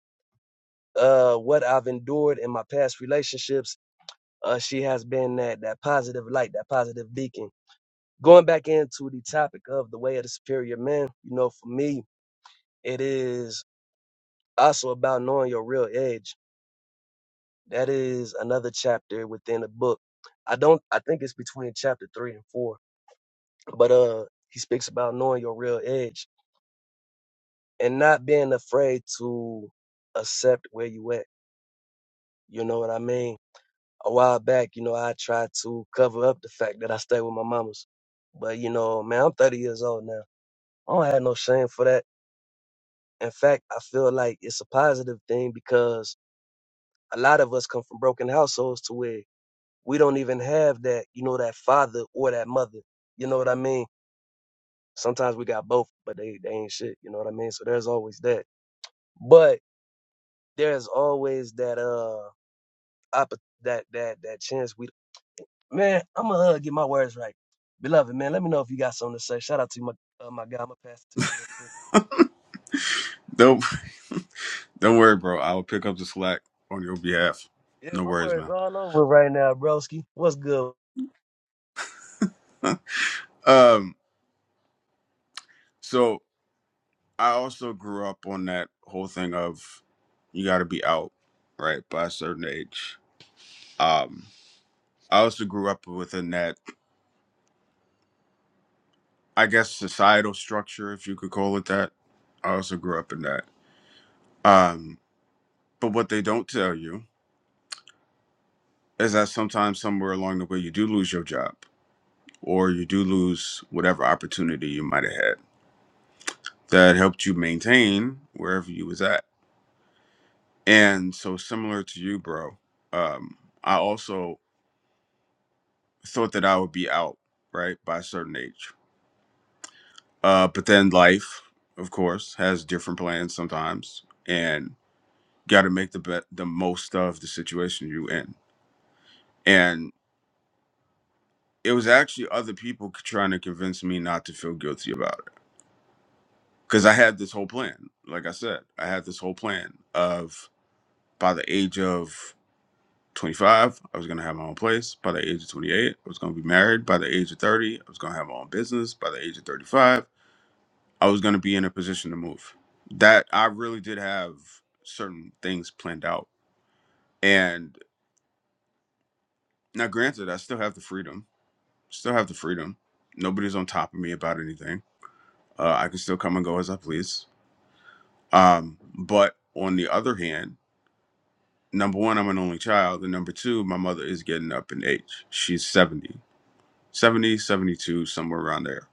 uh what I've endured in my past relationships. Uh, she has been that that positive light, that positive beacon. Going back into the topic of the way of the superior man, you know, for me, it is also about knowing your real edge. That is another chapter within the book. I don't. I think it's between chapter three and four. But uh, he speaks about knowing your real edge and not being afraid to accept where you at. You know what I mean? A while back, you know, I tried to cover up the fact that I stayed with my mamas. But you know, man, I'm 30 years old now. I don't have no shame for that. In fact, I feel like it's a positive thing because a lot of us come from broken households to where we don't even have that, you know, that father or that mother. You know what I mean? Sometimes we got both, but they, they ain't shit. You know what I mean? So there's always that. But there's always that uh. opp- that that that chance we man i'm gonna uh, get my words right beloved man let me know if you got something to say shout out to you, my uh, my guy i'm gonna pass it to you real quick Don't (laughs) don't worry, bro. I will pick up the slack on your behalf. yeah No my worries, words man. all over right now broski what's good Um, so I also grew up on that whole thing of you got to be out, right, by a certain age. Um, I also grew up within that I guess societal structure, if you could call it that. I also grew up in that. Um, but what they don't tell you is that sometimes somewhere along the way you do lose your job or you do lose whatever opportunity you might have had that helped you maintain wherever you was at. And so similar to you, bro, um, I also thought that I would be out, right, by a certain age. Uh, but then life, of course, has different plans sometimes. and. got to make the bet the most of the situation you in and it was actually other people c- trying to convince me not to feel guilty about it because i had this whole plan like i said i had this whole plan of by the age of 25 i was going to have my own place by the age of 28 i was going to be married by the age of 30 i was going to have my own business by the age of 35 i was going to be in a position to move that i really did have certain things planned out and now granted i still have the freedom still have the freedom. Nobody's on top of me about anything. Uh, I can still come and go as I please. Um, but on the other hand, number one, I'm an only child. And number two, my mother is getting up in age. She's 70, 70, 72, somewhere around there.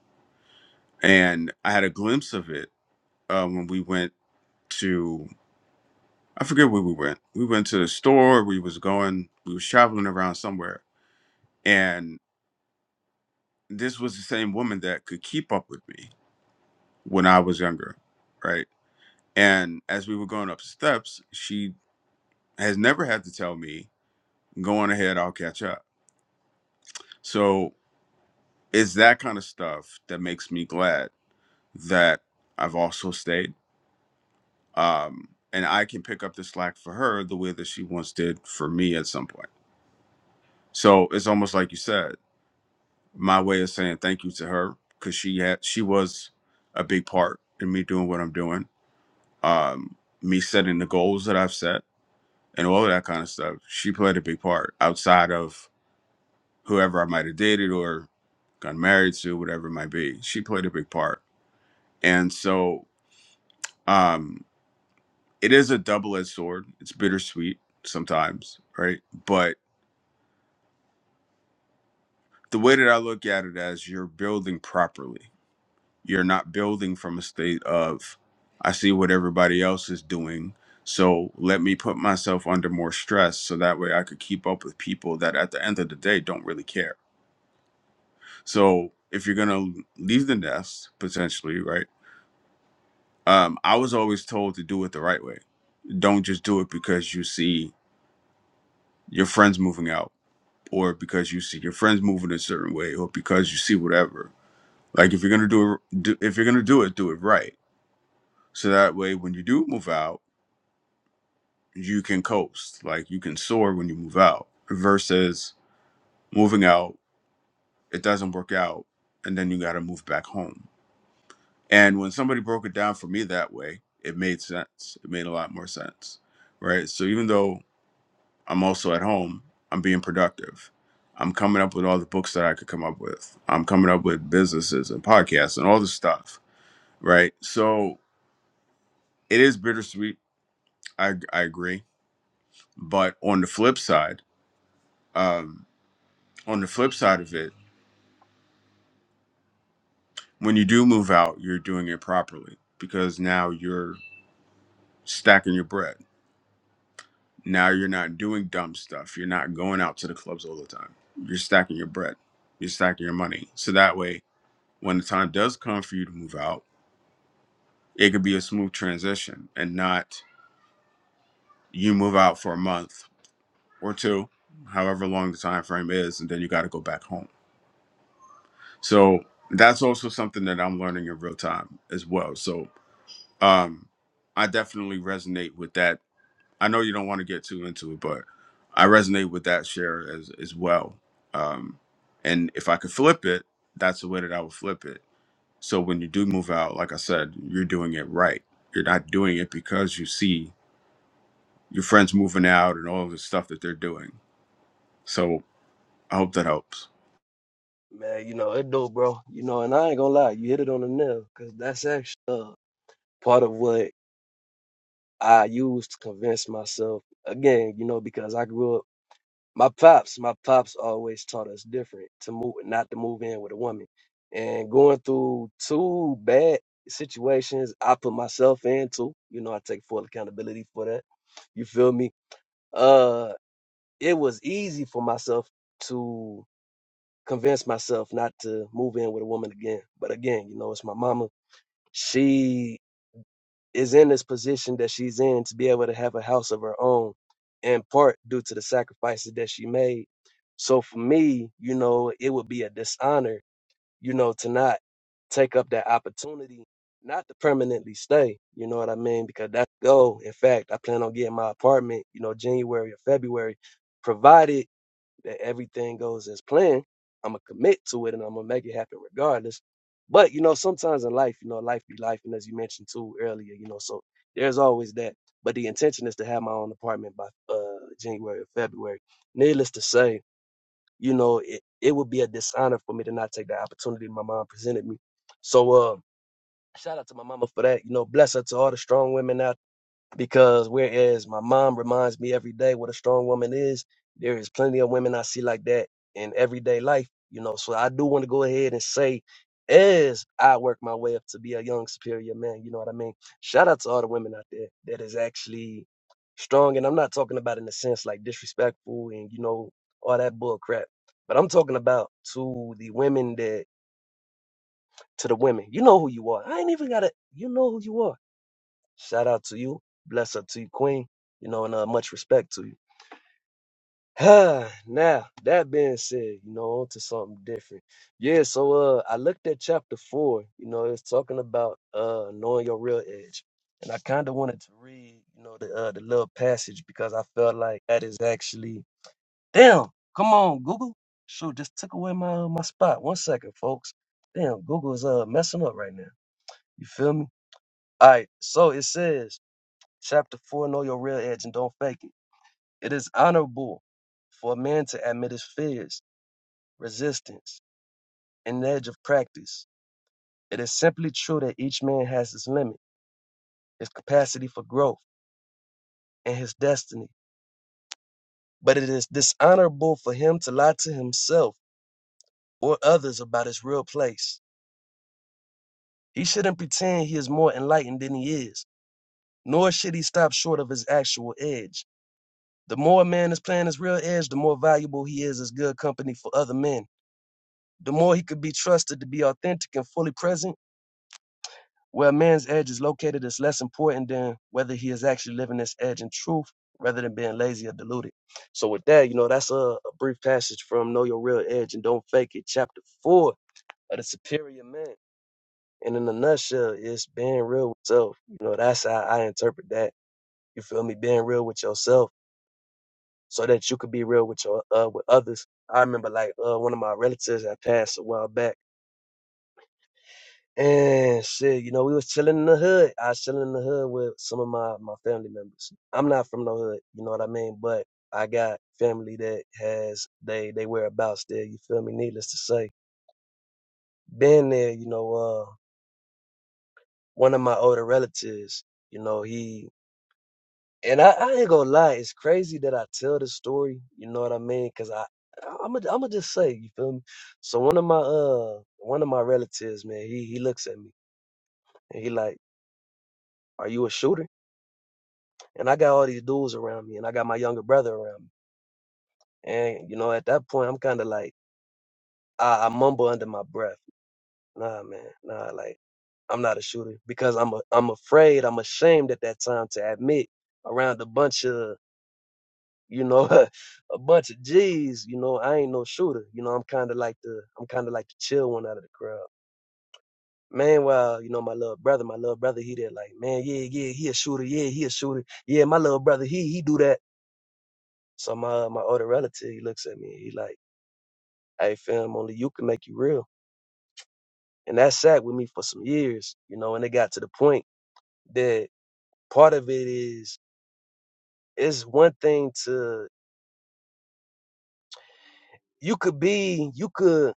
And I had a glimpse of it uh, when we went to, I forget where we went. We went to the store. We was going, we was traveling around somewhere. And this was the same woman that could keep up with me when I was younger, right? And as we were going up steps, she has never had to tell me, go on ahead, I'll catch up. So it's that kind of stuff that makes me glad that I've also stayed. Um, and I can pick up the slack for her the way that she once did for me at some point. So it's almost like you said, my way of saying thank you to her because she had she was a big part in me doing what I'm doing, um, me setting the goals that I've set, and all of that kind of stuff. She played a big part outside of whoever I might have dated or got married to, whatever it might be. She played a big part. And so um, it is a double edged sword. It's bittersweet sometimes, right? But the way that I look at it as you're building properly, you're not building from a state of, I see what everybody else is doing. So let me put myself under more stress so that way I could keep up with people that at the end of the day don't really care. So if you're going to leave the nest potentially, right? Um, I was always told to do it the right way. Don't just do it because you see your friends moving out, or because you see your friends moving a certain way, or because you see whatever. Like if you're gonna do, it, do if you're gonna do it, do it right. So that way, when you do move out, you can coast. Like you can soar when you move out. Versus moving out, it doesn't work out, and then you gotta move back home. And when somebody broke it down for me that way, it made sense. It made a lot more sense, right? So even though I'm also at home. I'm being productive. I'm coming up with all the books that I could come up with. I'm coming up with businesses and podcasts and all this stuff, right? So it is bittersweet. I, I agree. But on the flip side, um, on the flip side of it, when you do move out, you're doing it properly because now you're stacking your bread. Now you're not doing dumb stuff. You're not going out to the clubs all the time. You're stacking your bread. You're stacking your money. So that way, when the time does come for you to move out, it could be a smooth transition and not you move out for a month or two however long the time frame is and then you got to go back home so that's also something that i'm learning in real time as well so um i definitely resonate with that i know you don't want to get too into it but i resonate with that share as as well um and if i could flip it that's the way that i would flip it so when you do move out like i said you're doing it right you're not doing it because you see your friends moving out and all the stuff that they're doing. So I hope that helps. man you know it do bro you know and i ain't gonna lie you hit it on the nail because that's actually uh, part of what i use to convince myself again you know because i grew up my pops, my pops always taught us different to move, not to move in with a woman. And going through two bad situations, I put myself into. You know, I take full accountability for that. You feel me? Uh, it was easy for myself to convince myself not to move in with a woman again. But again, you know, it's my mama. She is in this position that she's in to be able to have a house of her own, in part due to the sacrifices that she made. So for me, you know, it would be a dishonor, you know, to not take up that opportunity, not to permanently stay, you know what I mean? Because that's the goal. In fact, I plan on getting my apartment, you know, January or February, provided that everything goes as planned, I'm gonna commit to it and I'm gonna make it happen regardless. But you know, sometimes in life, you know, life be life, and as you mentioned too earlier, you know, so there's always that. But the intention is to have my own apartment by uh, January or February. Needless to say, you know, it, it would be a dishonor for me to not take the opportunity my mom presented me. So, uh, shout out to my mama for that. You know, bless her to all the strong women out because whereas my mom reminds me every day what a strong woman is, there is plenty of women I see like that in everyday life, you know. So I do want to go ahead and say, as I work my way up to be a young superior man, you know what I mean? Shout out to all the women out there that is actually strong. And I'm not talking about in the sense like disrespectful and, you know, all that bull crap. But I'm talking about to the women that to the women. You know who you are. I ain't even gotta you know who you are Shout out to you. Bless up to you, Queen. You know, and uh, much respect to you. (sighs) now, that being said, you know, on to something different. Yeah, so uh I looked at chapter four, you know, it's talking about uh knowing your real edge. And I kinda wanted to read, you know, the uh the little passage because I felt like that is actually Damn, come on, Google. Shoot, just took away my uh, my spot. One second, folks. Damn, Google is uh messing up right now. You feel me? All right, so it says Chapter 4 Know your real edge and don't fake it. It is honorable for a man to admit his fears, resistance, and edge of practice. It is simply true that each man has his limit, his capacity for growth, and his destiny. But it is dishonorable for him to lie to himself or others about his real place. He shouldn't pretend he is more enlightened than he is, nor should he stop short of his actual edge. The more a man is playing his real edge, the more valuable he is as good company for other men the more he could be trusted to be authentic and fully present, where a man's edge is located is less important than whether he is actually living this edge in truth rather than being lazy or deluded. So with that, you know, that's a, a brief passage from Know Your Real Edge and Don't Fake It, chapter four of the superior man. And in a nutshell, it's being real with self. You know, that's how I interpret that. You feel me? Being real with yourself so that you could be real with your uh with others. I remember like uh one of my relatives that passed a while back And shit, you know, we was chilling in the hood. I was chilling in the hood with some of my, my family members. I'm not from no hood, you know what I mean? But I got family that has they they whereabouts there, you feel me? Needless to say. Been there, you know, uh one of my older relatives, you know, he and I, I ain't gonna lie, it's crazy that I tell this story, you know what I mean? Cause I I'm gonna I'm gonna just say, you feel me? So one of my uh one of my relatives, man, he he looks at me and he like, Are you a shooter? and I got all these dudes around me, and I got my younger brother around me. And you know, at that point, I'm kind of like I, I mumble under my breath, "Nah, man, nah." Like I'm not a shooter because I'm a, I'm afraid, I'm ashamed at that time to admit around a bunch of you know (laughs) a bunch of G's, you know, I ain't no shooter. You know, I'm kind of like the I'm kind of like the chill one out of the crowd. Meanwhile, you know, my little brother, my little brother, he there like, man, yeah, yeah, he a shooter, yeah, he a shooter, yeah, my little brother, he he do that. So my my older relative, he looks at me, he like, "Hey, fam, only you can make you real." And that sat with me for some years, you know. And it got to the point that part of it is it's one thing to you could be, you could.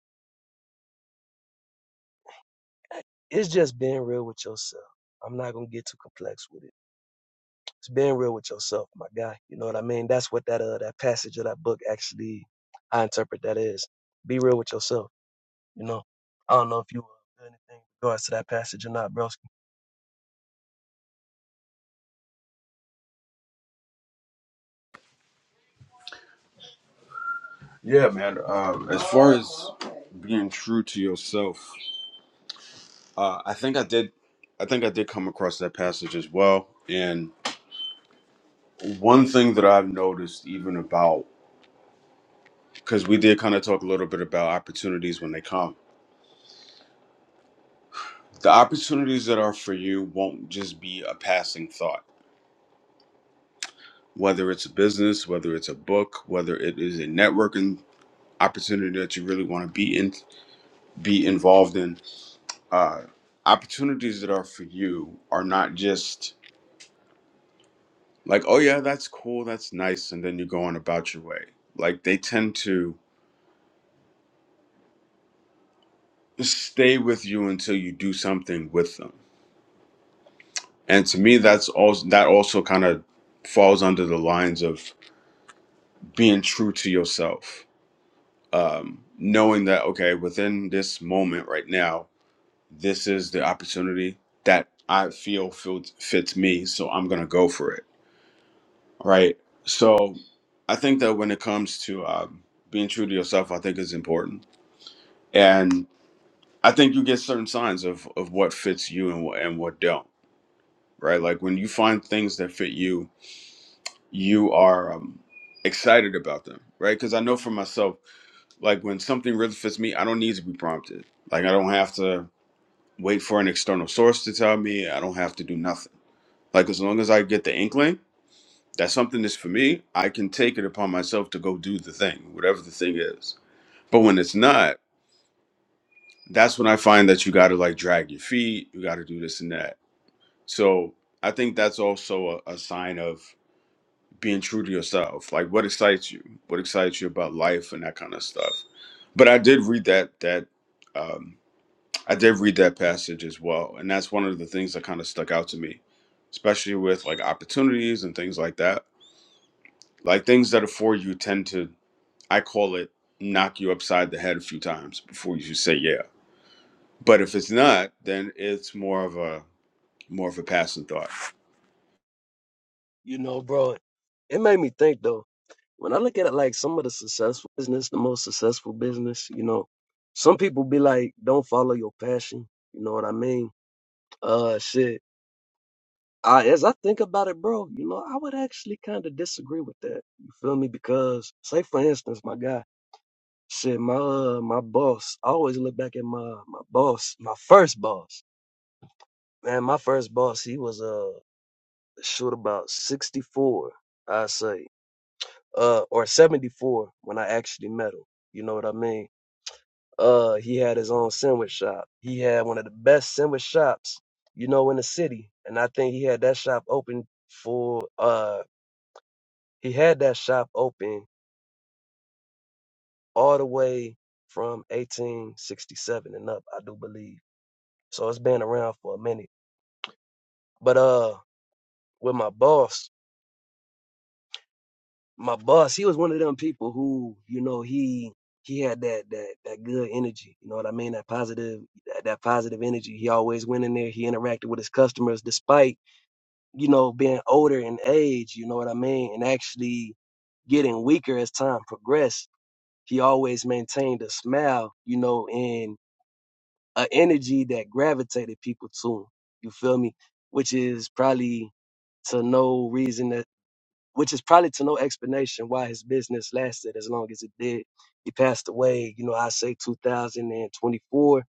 It's just being real with yourself. I'm not gonna get too complex with it. It's being real with yourself, my guy. You know what I mean? That's what that uh that passage of that book actually I interpret that as. Be real with yourself. You know. I don't know if you uh, do anything in regards to that passage or not, bro. Yeah, man. Um, as far as being true to yourself, uh, I think I did. I think I did come across that passage as well. And one thing that I've noticed, even about, because we did kind of talk a little bit about opportunities when they come, the opportunities that are for you won't just be a passing thought. Whether it's a business, whether it's a book, whether it is a networking opportunity that you really want to be in be involved in uh, opportunities that are for you are not just like oh yeah that's cool that's nice and then you go on about your way like they tend to stay with you until you do something with them and to me that's also that also kind of falls under the lines of being true to yourself um, knowing that okay within this moment right now this is the opportunity that i feel fits fits me so i'm gonna go for it right? So I think that when it comes to um, being true to yourself, I think is important, and I think you get certain signs of of what fits you and what and what don't, right? Like when you find things that fit you, you are um, excited about them, right? Because I know for myself, like when something really fits me, I don't need to be prompted. Like I don't have to wait for an external source to tell me. I don't have to do nothing. Like as long as I get the inkling That's something that's for me. I can take it upon myself to go do the thing, whatever the thing is. But when it's not, that's when I find that you got to like drag your feet, you got to do this and that. So I think that's also a, a sign of being true to yourself. Like what excites you, what excites you about life and that kind of stuff. But I did read that that um, I did read that passage as well, and that's one of the things that kind of stuck out to me, especially with like opportunities and things like that. Like things that are for you tend to I call it knock you upside the head a few times before you say yeah. But if it's not, then it's more of a more of a passing thought. You know, bro, it made me think though. When I look at it like some of the successful business, the most successful business, you know, some people be like, don't follow your passion. You know what I mean? Uh, shit. I, as I think about it, bro, you know, I would actually kind of disagree with that. You feel me? Because, say for instance, my guy, shit, my uh, my boss. I always look back at my my boss, my first boss. Man, my first boss, he was uh, shoot about sixty four, I say. uh, or 74 when I actually met him. You know what I mean? Uh, he had his own sandwich shop. He had one of the best sandwich shops, you know, in the city. And I think he had that shop open for, uh, he had that shop open all the way from 1867 and up, I do believe. So it's been around for a minute. But, uh, with my boss, my boss, he was one of them people who, you know, he he had that that that good energy. You know what I mean? That positive that, that positive energy. He always went in there. He interacted with his customers despite you know being older in age. You know what I mean? And actually getting weaker as time progressed. He always maintained a smile. You know, and a energy that gravitated people to him. You feel me? Which is probably to no reason which is probably to no explanation why his business lasted as long as it did. He passed away, you know, I say 2024.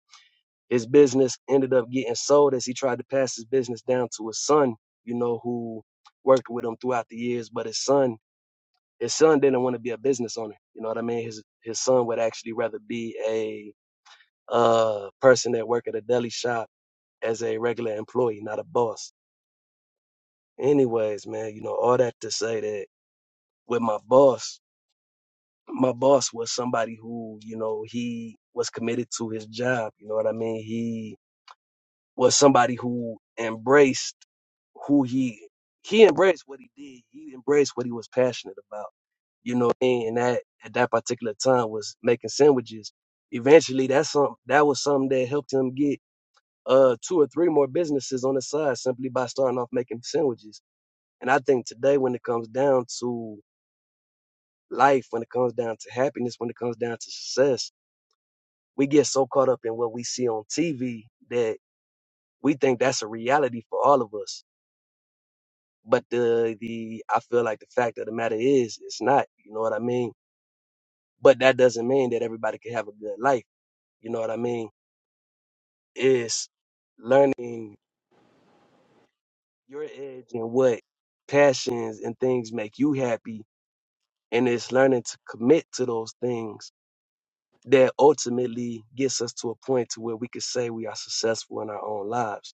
His business ended up getting sold as he tried to pass his business down to his son, you know, who worked with him throughout the years. But his son, his son didn't want to be a business owner. You know what I mean? His his son would actually rather be a uh person that work at a deli shop as a regular employee, not a boss. Anyways, man, you know, all that to say that with my boss, my boss was somebody who, you know, he was committed to his job. You know what I mean? He was somebody who embraced who he he embraced what he did. He embraced what he was passionate about. You know, what I mean? and that at that particular time was making sandwiches. Eventually, that's some that was something that helped him get uh two or three more businesses on the side simply by starting off making sandwiches. And I think today, when it comes down to life, when it comes down to happiness, when it comes down to success, we get so caught up in what we see on TV that we think that's a reality for all of us. But the the I feel like the fact of the matter is it's not. You know what I mean? But that doesn't mean that everybody can have a good life. You know what I mean? It's learning your edge and what passions and things make you happy, and it's learning to commit to those things that ultimately gets us to a point to where we could say we are successful in our own lives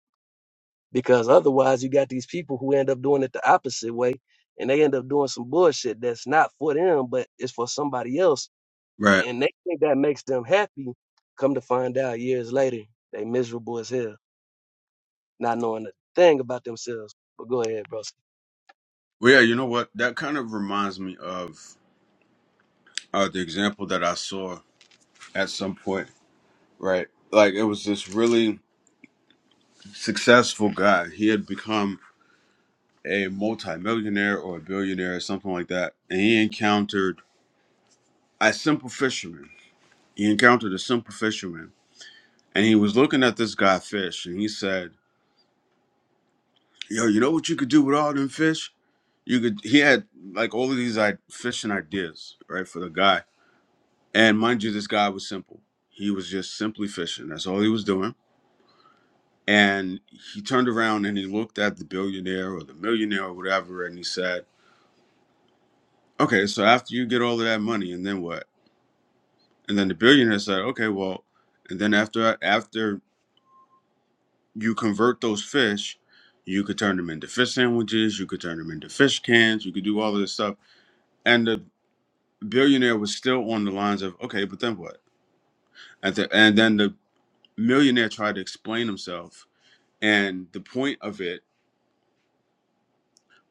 because otherwise you got these people who end up doing it the opposite way and they end up doing some bullshit that's not for them but it's for somebody else Right. and they think that makes them happy come to find out years later they miserable as hell not knowing a thing about themselves but go ahead bro Well, yeah, you know what? That kind of reminds me of uh, the example that I saw at some point, right? Like, it was this really successful guy. He had become a multimillionaire or a billionaire or something like that. And he encountered a simple fisherman. He encountered a simple fisherman. And he was looking at this guy fish and he said, Yo, you know what you could do with all them fish? You could he had like all of these like fishing ideas, right, for the guy. And mind you, this guy was simple. He was just simply fishing. That's all he was doing. And he turned around and he looked at the billionaire or the millionaire or whatever, and he said, Okay, so after you get all of that money, and then what? And then the billionaire said, Okay, well, and then after after you convert those fish, you could turn them into fish sandwiches, you could turn them into fish cans, you could do all of this stuff. and the." billionaire was still on the lines of okay, but then what? At the and then the millionaire tried to explain himself, and the point of it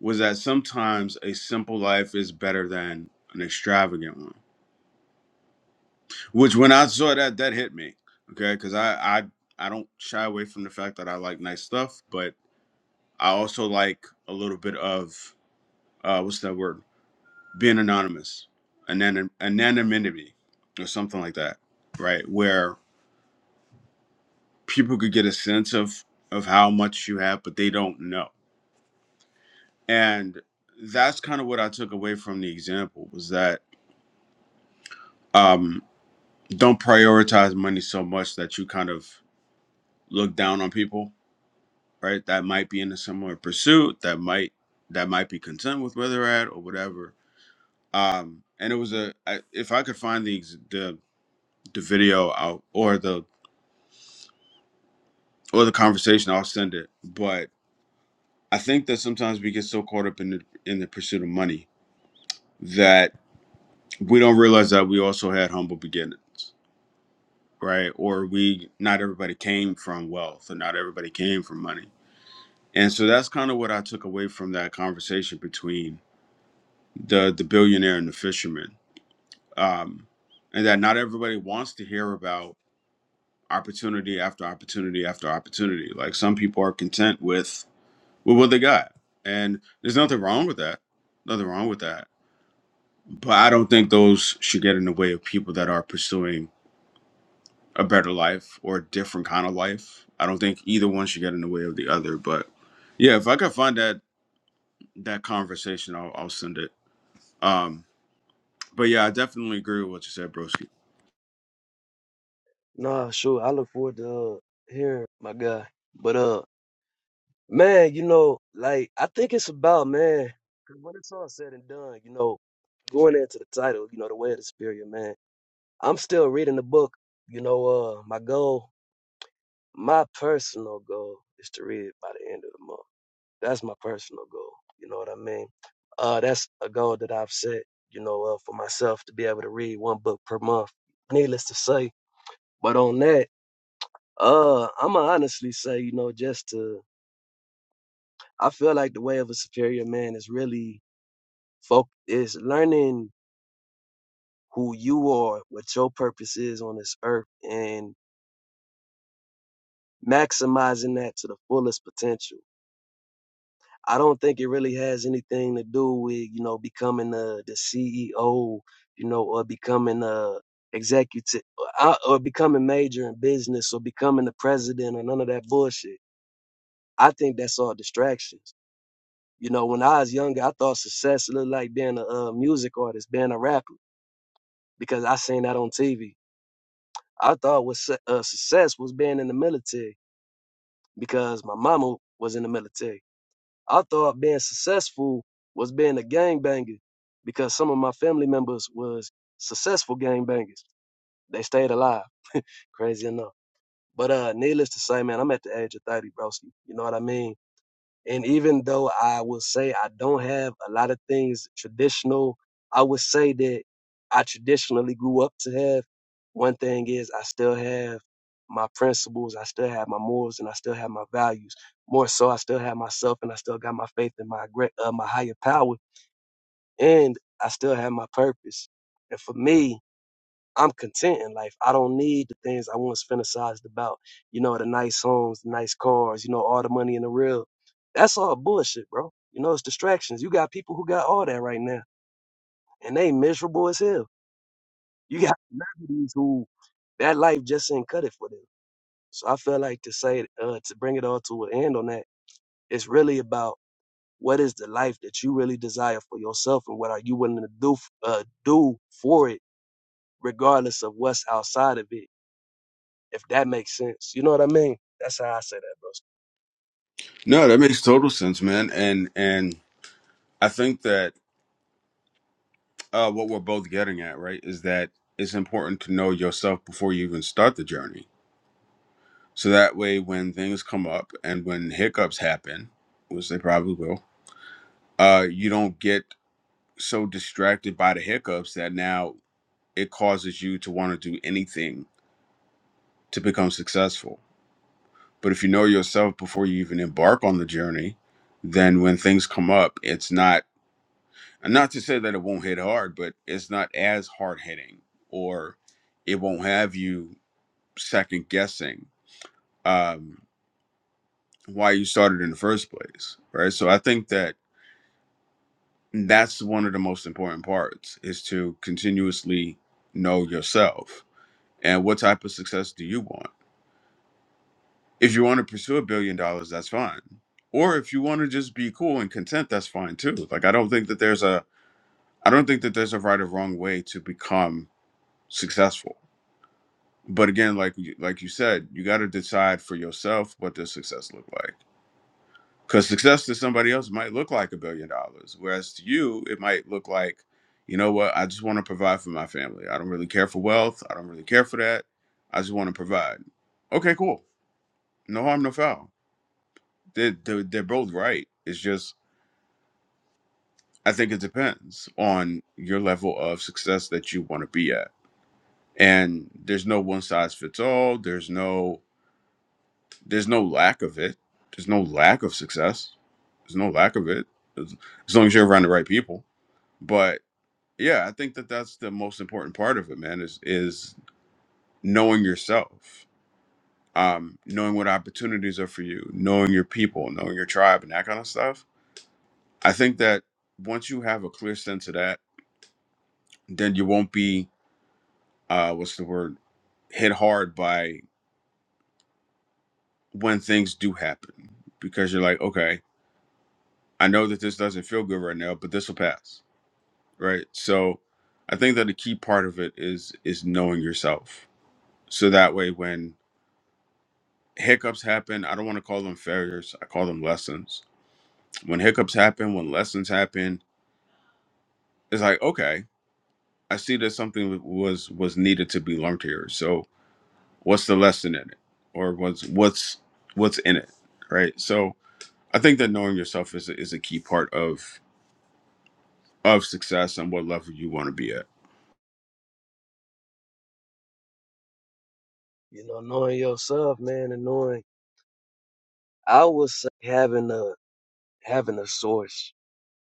was that sometimes a simple life is better than an extravagant one. Which when I saw that, that hit me. Okay, because I I I don't shy away from the fact that I like nice stuff, but I also like a little bit of uh, what's that word? Being anonymous, anon anonymity, or something like that, right? Where people could get a sense of of how much you have but they don't know and that's kind of what i took away from the example was that um don't prioritize money so much that you kind of look down on people right that might be in a similar pursuit that might that might be content with where they're at or whatever um and it was a I, if i could find the ex- the the video out or the or the conversation i'll send it but i think that sometimes we get so caught up in the in the pursuit of money that we don't realize that we also had humble beginnings, right? Or we not everybody came from wealth, or not everybody came from money, and so that's kind of what I took away from that conversation between the the billionaire and the fisherman, um, and that not everybody wants to hear about opportunity after opportunity after opportunity. Like some people are content with with what they got, and there's nothing wrong with that. Nothing wrong with that. But I don't think those should get in the way of people that are pursuing a better life or a different kind of life. I don't think either one should get in the way of the other. But yeah, if I could find that that conversation, I'll, I'll send it. Um, but yeah, I definitely agree with what you said, Broski. nah sure i look forward to uh, hearing my guy but uh man you know like i think it's about man 'cause when it's all said and done you know going into the title you know the way of the spirit man I'm still reading the book. You know, uh, my goal, my personal goal is to read it by the end of the month. That's my personal goal. You know what I mean? Uh, that's a goal that I've set, you know, uh, for myself to be able to read one book per month, needless to say. But on that, uh, I'm gonna honestly say, you know, just to, I feel like the way of a superior man is really folk is learning who you are, what your purpose is on this earth and maximizing that to the fullest potential I don't think it really has anything to do with you know becoming the the CEO, you know, or becoming a executive, or, uh, or becoming major in business, or becoming the president, or none of that bullshit. I think that's all distractions. You know, when I was younger, I thought success looked like being a, uh music artist, being a rapper, because I seen that on TV. I thought was uh, success was being in the military because my mama was in the military. I thought being successful was being a gangbanger because some of my family members was successful gangbangers. They stayed alive. Crazy enough. But uh needless to say, man, I'm at the age of 30, broski. You know what I mean? And even though I will say I don't have a lot of things traditional, I would say that I traditionally grew up to have. One thing is I still have my principles, I still have my morals, and I still have my values. More so, I still have myself, and I still got my faith in my great, uh, my higher power, and I still have my purpose. And for me, I'm content in life. I don't need the things I once fantasized about. You know, the nice homes, the nice cars, you know, all the money in the real. That's all bullshit, bro. You know, it's distractions. You got people who got all that right now, and they miserable as hell. (laughs) You got celebrities who that life just ain't cut it for them. So I feel like to say uh, to bring it all to an end on that, it's really about what is the life that you really desire for yourself, and what are you willing to do uh, do for it, regardless of what's outside of it if that makes sense. You know what I mean? That's how I say that, bro. No, that makes total sense, man. And and I think that uh, what we're both getting at, right, is that it's important to know yourself before you even start the journey. So that way, when things come up and when hiccups happen, which they probably will, uh, you don't get so distracted by the hiccups that now it causes you to want to do anything to become successful. But if you know yourself before you even embark on the journey, then when things come up, it's not and not to say that it won't hit hard, but it's not as hard hitting or it won't have you second guessing um, why you started in the first place, right? So I think that that's one of the most important parts is to continuously know yourself and what type of success do you want If you want to pursue a billion dollars, that's fine. Or if you want to just be cool and content, that's fine too. Like I don't think that there's a I don't think that there's a right or wrong way to become successful. But again, like you- like you said, you got to decide for yourself what does success look like. Because success to somebody else might look like a billion dollars, whereas to you it might look like, you know what, I just want to provide for my family. I don't really care for wealth. I don't really care for that. I just want to provide. Okay, cool. No harm, no foul They're, they're, they're both right. It's just, I think it depends on your level of success that you want to be at. And there's no one size fits all. There's no, there's no lack of it. There's no lack of success. There's no lack of it as, as long as you're around the right people. But yeah, I think that that's the most important part of it, man. Is is knowing yourself, um, knowing what opportunities are for you, knowing your people, knowing your tribe, and that kind of stuff. I think that once you have a clear sense of that then you won't be uh what's the word hit hard by when things do happen because you're like okay i know that this doesn't feel good right now but this will pass right so i think that the key part of it is is knowing yourself so that way when hiccups happen i don't want to call them failures i call them lessons when hiccups happen when lessons happen it's like okay i see that something was was needed to be learned here so what's the lesson in it or what's what's what's in it right so i think that knowing yourself is a, is a key part of of success and what level you want to be at You know, knowing yourself, man, and knowing I would say having a having a source,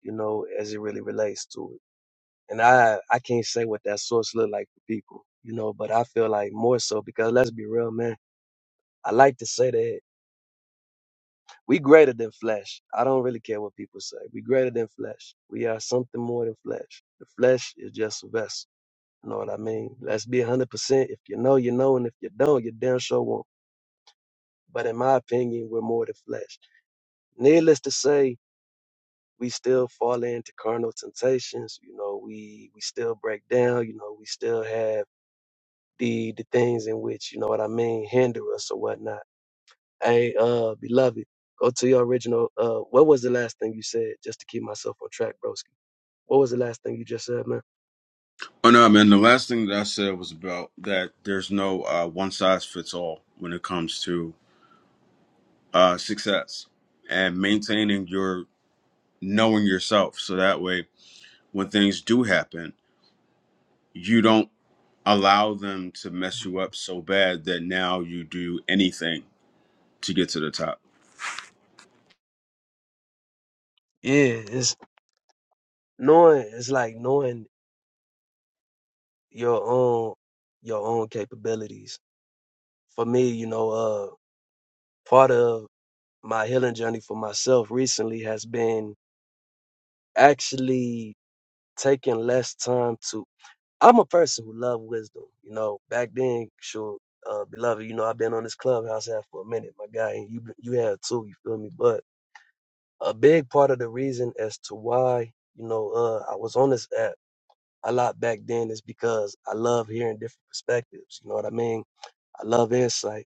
you know, as it really relates to it. And I I can't say what that source look like for people, you know, but I feel like more so because let's be real, man. I like to say that we greater than flesh. I don't really care what people say. We greater than flesh. We are something more than flesh. The flesh is just a vessel. You know what I mean? Let's be 100%. If you know, you know, and if you don't, you damn sure won't. but in my opinion, we're more the flesh. Needless to say, we still fall into carnal temptations. You know, we we still break down. You know, we still have the the things in which you know what I mean hinder us or whatnot. Hey, uh, beloved, go to your original. Uh, what was the last thing you said? Just to keep myself on track, broski. What was the last thing you just said, man? oh no man the last thing that i said was about that there's no uh, one size fits all when it comes to uh, success and maintaining your knowing yourself so that way when things do happen you don't allow them to mess you up so bad that now you do anything to get to the top Yeah, it's knowing. It's like knowing your own your own capabilities. For me, you know, uh, part of my healing journey for myself recently has been actually taking less time to I'm a person who love wisdom. You know, back then, sure, uh, beloved, you know, I've been on this clubhouse app for a minute, my guy, and you you have too, you feel me? But a big part of the reason as to why, you know, uh I was on this app a lot back then is because I love hearing different perspectives. You know what I mean? I love insight.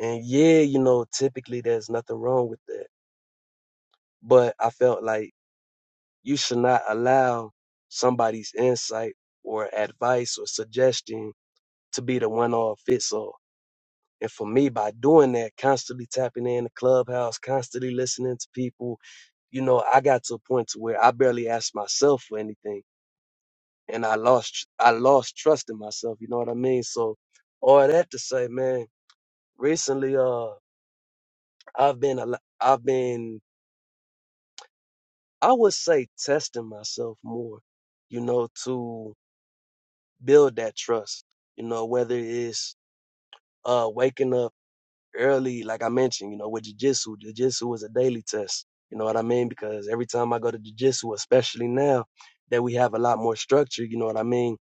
And yeah, you know, typically there's nothing wrong with that. But I felt like you should not allow somebody's insight or advice or suggestion to be the one all fits all. And for me, by doing that, constantly tapping in the clubhouse, constantly listening to people, you know, I got to a point to where I barely asked myself for anything, and I lost, I lost trust in myself. You know what I mean? So, all that to say, man, recently, uh, I've been, a lo- I've been, I would say, testing myself more, you know, to build that trust. You know, whether it's uh waking up early, like I mentioned, you know, with Jiu-Jitsu, Jiu-Jitsu is a daily test. You know what I mean? Because every time I go to Jiu-Jitsu, especially now that we have a lot more structure, you know what I mean?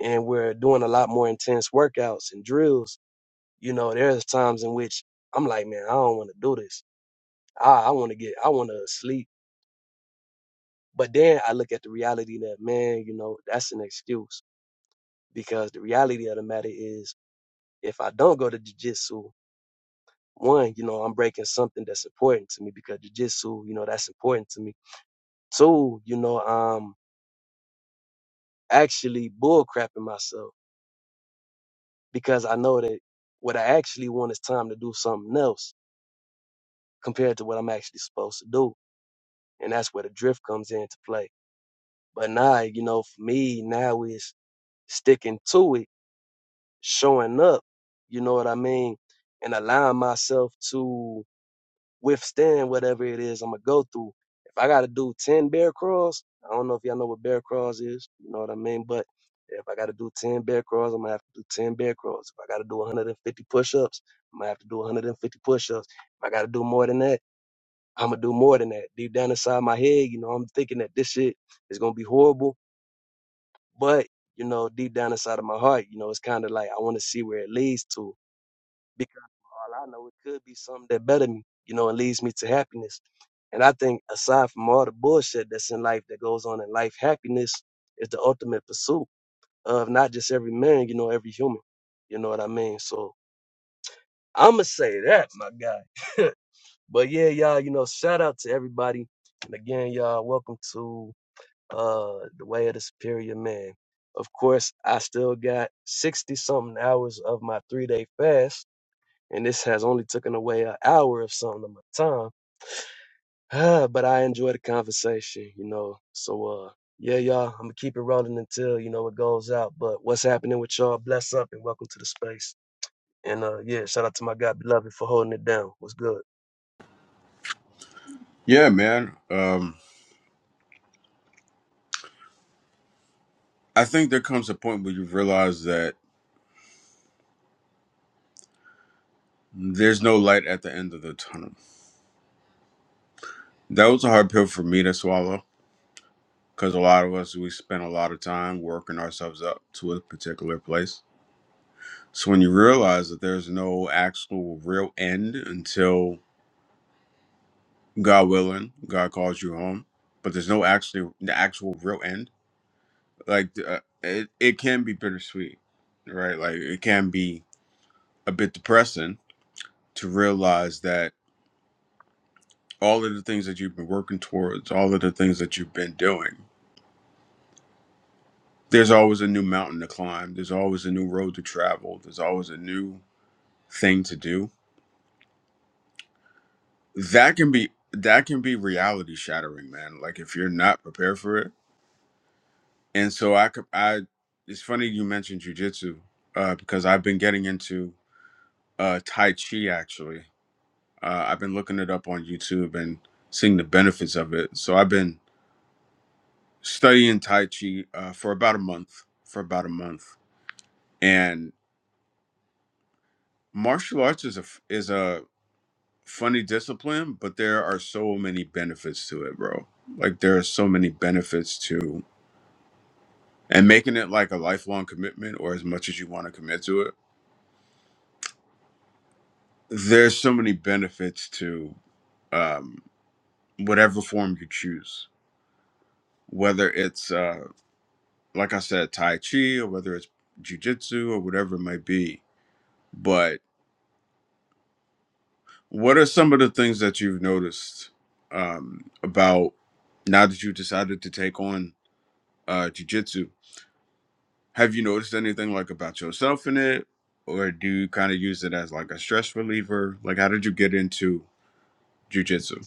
And we're doing a lot more intense workouts and drills, you know, there's times in which I'm like, man, I don't want to do this. I, I want to get, I want to sleep. But then I look at the reality that, man, you know, that's an excuse because the reality of the matter is if I don't go to Jiu-Jitsu One, you know, I'm breaking something that's important to me because jujitsu, you know, that's important to me. Two, you know, I'm actually bullcrapping myself because I know that what I actually want is time to do something else compared to what I'm actually supposed to do. And that's where the drift comes into play. But now, you know, for me, now is sticking to it, showing up, you know what I mean? And allowing myself to withstand whatever it is I'm gonna go through. If I gotta do ten bear crawls, I don't know if y'all know what bear crawls is. You know what I mean? But if I gotta do ten bear crawls, I'm gonna have to do ten bear crawls. If I gotta do 150 push-ups, I'm gonna have to do 150 push-ups. If I gotta do more than that, I'm gonna do more than that. Deep down inside my head, you know, I'm thinking that this shit is gonna be horrible, but you know, deep down inside of my heart, you know, it's kind of like I want to see where it leads to because for all I know, it could be something that better me, you know, and leads me to happiness. And I think aside from all the bullshit that's in life that goes on in life, happiness is the ultimate pursuit of not just every man, you know, every human. You know what I mean? So I'ma say that, my guy. But yeah, y'all, you know, shout out to everybody. And again, y'all, welcome to uh the way of the superior man. Of course, I still got 60 something hours of my three day fast and this has only taken away an hour of some of my time. ah. but I enjoy the conversation, you know. So uh yeah, y'all, I'm gonna keep it rolling until you know it goes out. But what's happening with y'all? Bless up and welcome to the space. And uh yeah, shout out to my God beloved for holding it down. What's good? yeah man um I think there comes a point where you realize that there's no light at the end of the tunnel. That was a hard pill for me to swallow because a lot of us, we spend a lot of time working ourselves up to a particular place. So when you realize that there's no actual real end until God willing, God calls you home, but there's no actually the actual real end, like uh, it, it can be bittersweet, right? Like it can be a bit depressing to realize that all of the things that you've been working towards, all of the things that you've been doing. There's always a new mountain to climb, there's always a new road to travel, there's always a new thing to do. That can be that can be reality shattering, man. Like if you're not prepared for it. And so I could I it's funny you mentioned jujitsu, uh, because I've been getting into uh Tai Chi actually. Uh, I've been looking it up on YouTube and seeing the benefits of it. So I've been studying Tai Chi uh, for about a month. For about a month And martial arts is a is a funny discipline, but there are so many benefits to it, bro. Like there are so many benefits to and making it like a lifelong commitment or as much as you want to commit to it. There's so many benefits to um, whatever form you choose, whether it's uh, like I said, Tai Chi or whether it's jujitsu or whatever it might be. But What are some of the things that you've noticed um, about now that you decided to take on uh, jujitsu? Have you noticed anything like about yourself in it, or do you kind of use it as like a stress reliever? Like, how did you get into jujitsu?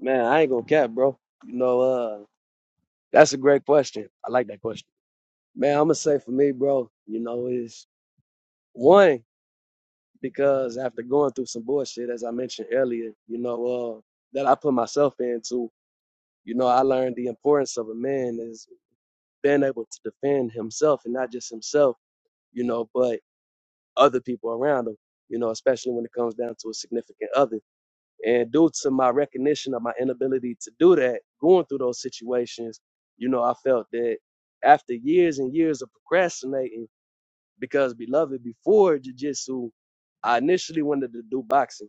Man, I ain't gonna cap, bro. You know, uh, that's a great question. I like that question. Man, I'm gonna say for me, bro, you know, is one, because after going through some bullshit, as I mentioned earlier, you know, uh, that I put myself into. You know, I learned the importance of a man is being able to defend himself and not just himself, you know, but other people around him, you know, especially when it comes down to a significant other. And due to my recognition of my inability to do that, going through those situations, you know, I felt that after years and years of procrastinating, because beloved, before jujitsu, I initially wanted to do boxing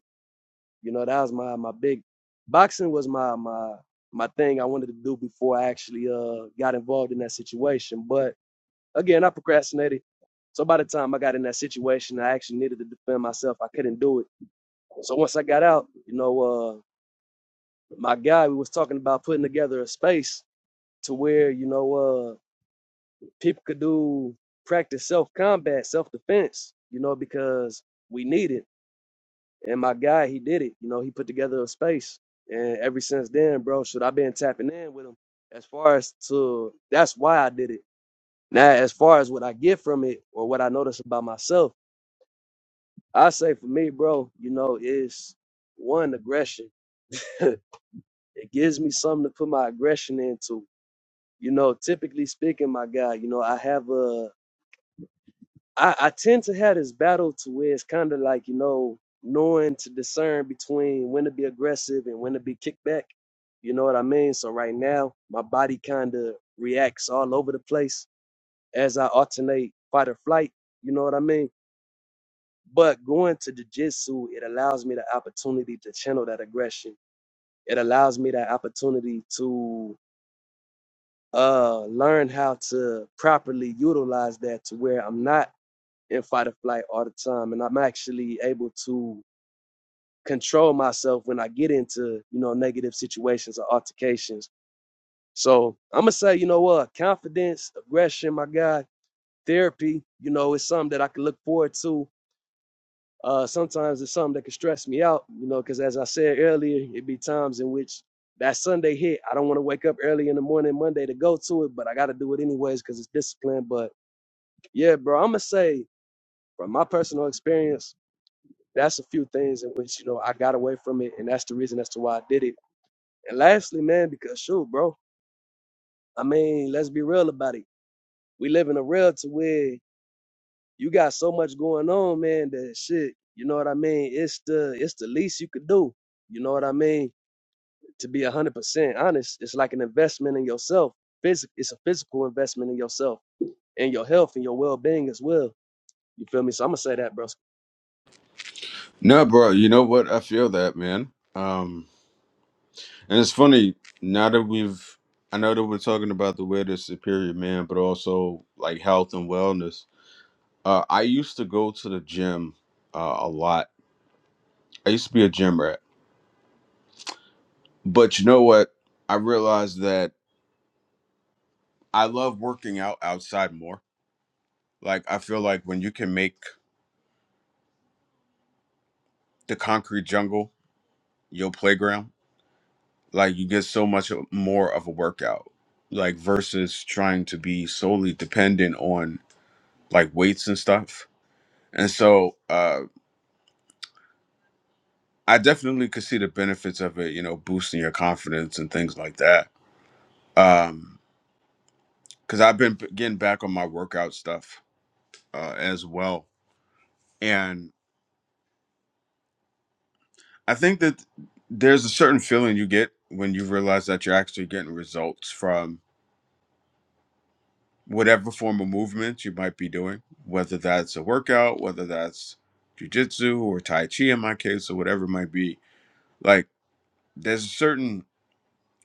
you know, that was my my big boxing was my my my thing I wanted to do before I actually uh got involved in that situation. But again, I procrastinated. So by the time I got in that situation, I actually needed to defend myself. I couldn't do it. So once I got out, you know, uh my guy we was talking about putting together a space to where, you know, uh people could do practice self combat, self defense, you know, because we need it. And my guy, he did it. You know, he put together a space. And ever since then, bro, should I been tapping in with him as far as to that's why I did it. Now, as far as what I get from it or what I notice about myself, I say for me, bro, you know, is one aggression. (laughs) it gives me something to put my aggression into. You know, typically speaking, my guy, you know, I have a I, I tend to have this battle to where it's kind of like you know knowing to discern between when to be aggressive and when to be kickback. You know what I mean? So right now my body kind of reacts all over the place as I alternate fight or flight. You know what I mean? But going to jujitsu, it allows me the opportunity to channel that aggression. It allows me that opportunity to uh, learn how to properly utilize that to where I'm not in fight or flight all the time and i'm actually able to control myself when i get into you know negative situations or altercations so i'm gonna say you know what confidence aggression my god therapy you know it's something that i can look forward to uh sometimes it's something that can stress me out you know because as i said earlier it be times in which that sunday hit i don't want to wake up early in the morning monday to go to it but i gotta do it anyways because it's discipline but yeah bro i'm gonna say from my personal experience that's a few things in which you know I got away from it, and that's the reason as to why I did it. And lastly, man, because shoot, bro, I mean, let's be real about it. We live in a world to where you got so much going on, man, that shit, you know what I mean? It's the it's the least you could do. You know what I mean? To be a hundred percent honest, it's like an investment in yourself. Physic, it's a physical investment in yourself and your health and your well being as well. You feel me? So I'm gonna say that, bro. No, bro, you know what? I feel that, man. Um, and it's funny now that we've, I know that we're talking about the way to superior man, but also like health and wellness. Uh, I used to go to the gym uh, a lot. I used to be a gym rat. But you know what? I realized that I love working out outside more. Like I feel like when you can make the concrete jungle your playground, like you get so much more of a workout. Like versus trying to be solely dependent on like weights and stuff. And so uh I definitely could see the benefits of it, you know, boosting your confidence and things like that. Um cuz I've been p- getting back on my workout stuff uh as well. I think that there's a certain feeling you get when you realize that you're actually getting results from whatever form of movement you might be doing, whether that's a workout, whether that's jujitsu or tai chi in my case, or whatever it might be. Like there's a certain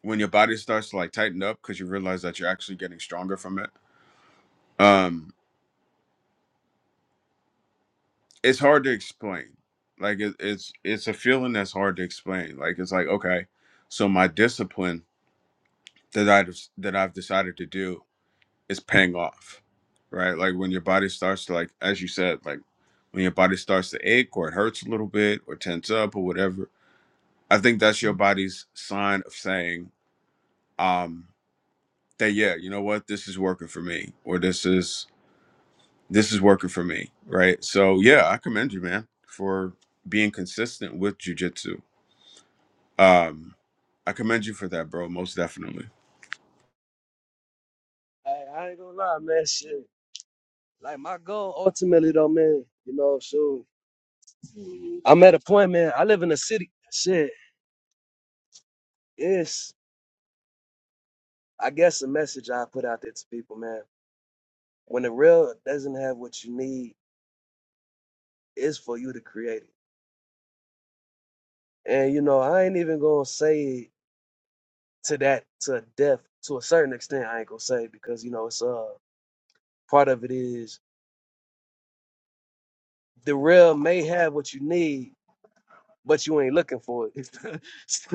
when your body starts to like tighten up because you realize that you're actually getting stronger from it. Um, it's hard to explain. Like it, it's it's a feeling that's hard to explain. Like it's like okay, so my discipline that I that I've decided to do is paying off, right? Like when your body starts to like, as you said, like when your body starts to ache or it hurts a little bit or tense up or whatever. I think that's your body's sign of saying, um, that yeah, you know what, this is working for me, or this is this is working for me, right? So yeah, I commend you, man, for being consistent with jujitsu. Um, I commend you for that, bro, most definitely. I, I ain't gonna lie, man. Shit. Like my goal ultimately though, man, you know, shoot. I'm at a point, man. I live in a city. Shit, it's I guess a message I put out there to people, man. When the real doesn't have what you need, it's for you to create it. And you know, I ain't even gonna say it to that to death to a certain extent. I ain't gonna say it because you know it's uh part of it is the real may have what you need, but you ain't looking for it.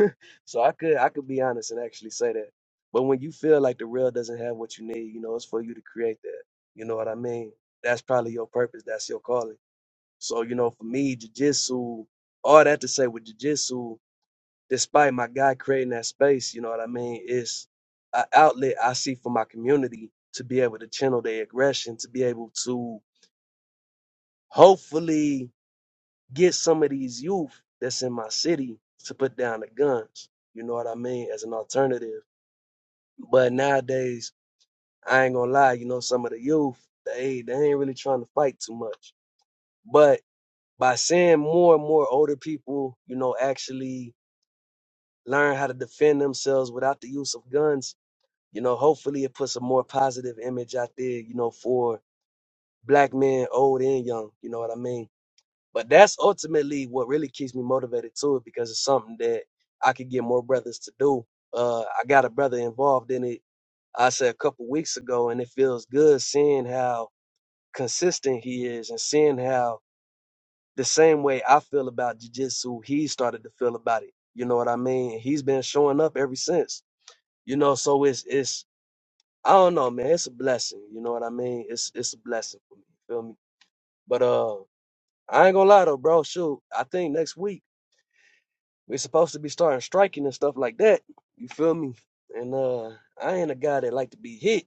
(laughs) so I could I could be honest and actually say that. But when you feel like the real doesn't have what you need, you know, it's for you to create that. You know what I mean? That's probably your purpose. That's your calling. So, you know, for me, jujitsu, all that to say with jujitsu, despite my guy creating that space, you know what I mean, it's an outlet I see for my community to be able to channel their aggression, to be able to hopefully get some of these youth that's in my city to put down the guns. You know what I mean? As an alternative. But nowadays, I ain't gonna lie, you know, some of the youth, they they ain't really trying to fight too much. But by seeing more and more older people, you know, actually learn how to defend themselves without the use of guns, you know, hopefully it puts a more positive image out there, you know, for black men, old and young. You know what I mean? But that's ultimately what really keeps me motivated to it because it's something that I could get more brothers to do. Uh, I got a brother involved in it. I said a couple weeks ago, and it feels good seeing how consistent he is and seeing how the same way I feel about jujitsu, he started to feel about it. You know what I mean? He's been showing up ever since. You know, so it's it's I don't know, man. It's a blessing. You know what I mean? It's it's a blessing for me. You Feel me? But uh, I ain't gonna lie though, bro. Shoot, I think next week. We're supposed to be starting striking and stuff like that. You feel me? And uh I ain't a guy that like to be hit.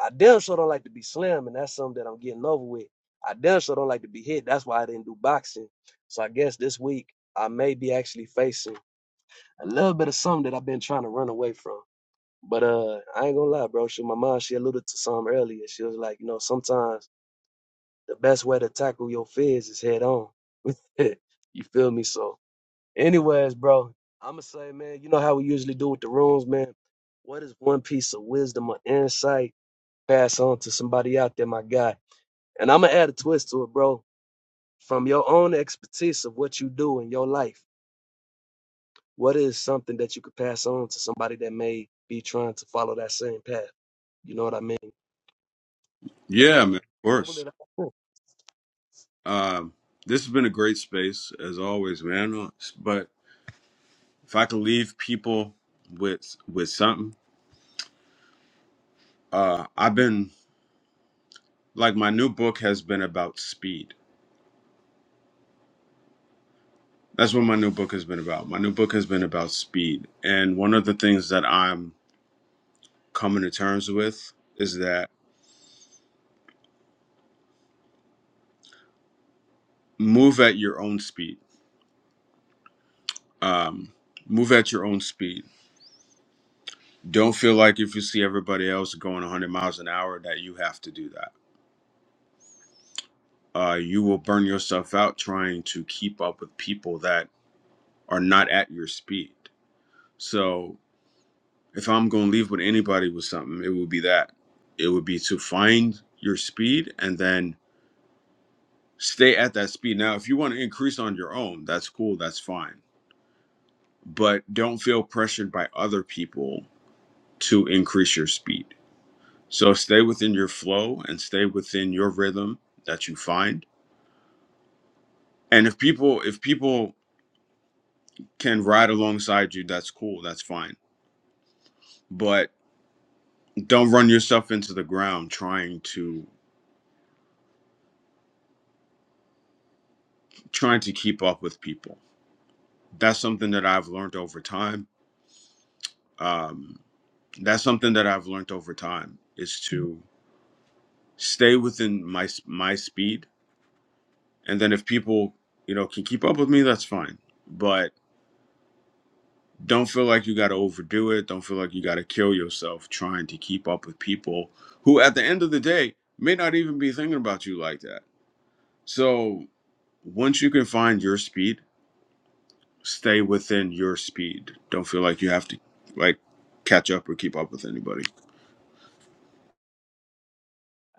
I damn sure don't like to be slammed, and that's something that I'm getting over with. I damn sure don't like to be hit. That's why I didn't do boxing. So I guess this week I may be actually facing a little bit of something that I've been trying to run away from. But uh I ain't gonna lie, bro. She, my mom, she alluded to some earlier. She was like, you know, sometimes the best way to tackle your fears is head on. (laughs) you feel me? So Anyways, bro, I'ma say, man, you know how we usually do with the rooms, man. What is one piece of wisdom or insight pass on to somebody out there, my guy? And I'ma add a twist to it, bro. From your own expertise of what you do in your life, what is something that you could pass on to somebody that may be trying to follow that same path? You know what I mean? Yeah, Uh, man, of I will course. let it happen. Um, this has been a great space as always, man. But if I could leave people with with something, uh, I've been like my new book has been about speed. That's what my new book has been about. My new book has been about speed, and one of the things that I'm coming to terms with is that move at your own speed. Um, move at your own speed. Don't feel like if you see everybody else going 100 miles an hour that you have to do that. Uh, you will burn yourself out trying to keep up with people that are not at your speed. So If I'm going to leave with anybody with something, it would be that. It would be to find your speed and then stay at that speed. Now, if you want to increase on your own, that's cool, that's fine. But don't feel pressured by other people to increase your speed. So stay within your flow and stay within your rhythm that you find. And if people if people can ride alongside you, that's cool, that's fine. But don't run yourself into the ground trying to trying to keep up with people that's something that I've learned over time. Um, that's something that I've learned over time is to stay within my my speed, and then if people you know can keep up with me, that's fine. But don't feel like you got to overdo it. Don't feel like you got to kill yourself trying to keep up with people who, at the end of the day, may not even be thinking about you like that. So once you can find your speed, stay within your speed. Don't feel like you have to like catch up or keep up with anybody.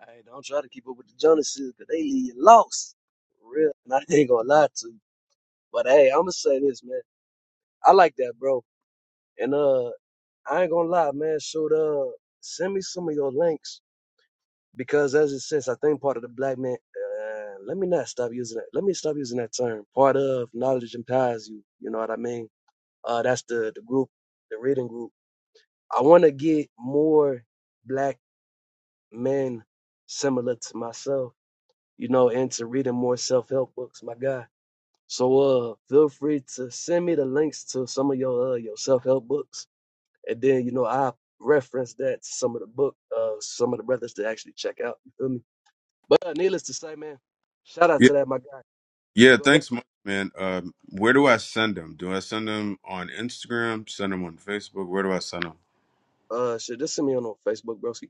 Hey, don't try to keep up with the Jonases, cause they leave you lost. For real, and I ain't gonna lie to you. But hey, I'ma say this, man. I like that, bro. And uh. I ain't gonna lie, man. So uh, send me some of your links because, as it says, I think part of the black man. Uh, let me not stop using that. Let me stop using that term. Part of knowledge empowers you. You know what I mean? Uh, that's the the group, the reading group. I want to get more black men similar to myself. You know, into reading more self help books. My guy. So uh, feel free to send me the links to some of your uh, your self help books And then, you know, I reference that to some of the book, uh, some of the brothers to actually check out. You feel me? But uh, needless to say, man, shout out to that, my guy. Yeah, Go ahead. thanks much, man. Um, where do I send them? Do I send them on Instagram? Send them on Facebook? Where do I send them? Uh, shit, just send me on on Facebook, broski.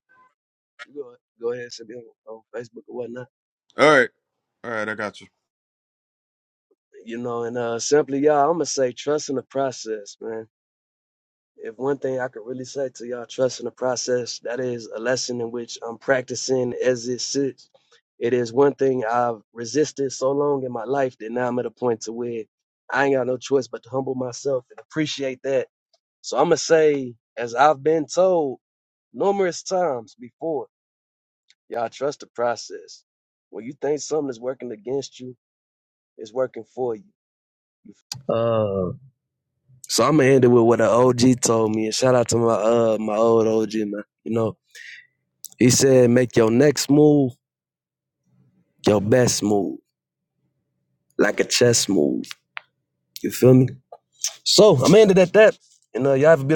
You go, go ahead, send me on, on Facebook or whatnot. All right, all right, I got you. You know, and uh, simply, y'all, I'm gonna say trust in the process, man if one thing I could really say to y'all, trust in the process. That is a lesson in which I'm practicing as it sits. It is one thing I've resisted so long in my life that now I'm at a point to where I ain't got no choice but to humble myself and appreciate that. So I'm gonna say, as I've been told numerous times before, y'all trust the process. When you think something is working against you, it's working for you. Uh, so I'm gonna end it with what an OG told me. And shout out to my uh my old OG man. You know. He said, make your next move your best move, like a chess move. You feel me? So I'm ended at that. And uh, y'all have a beautiful.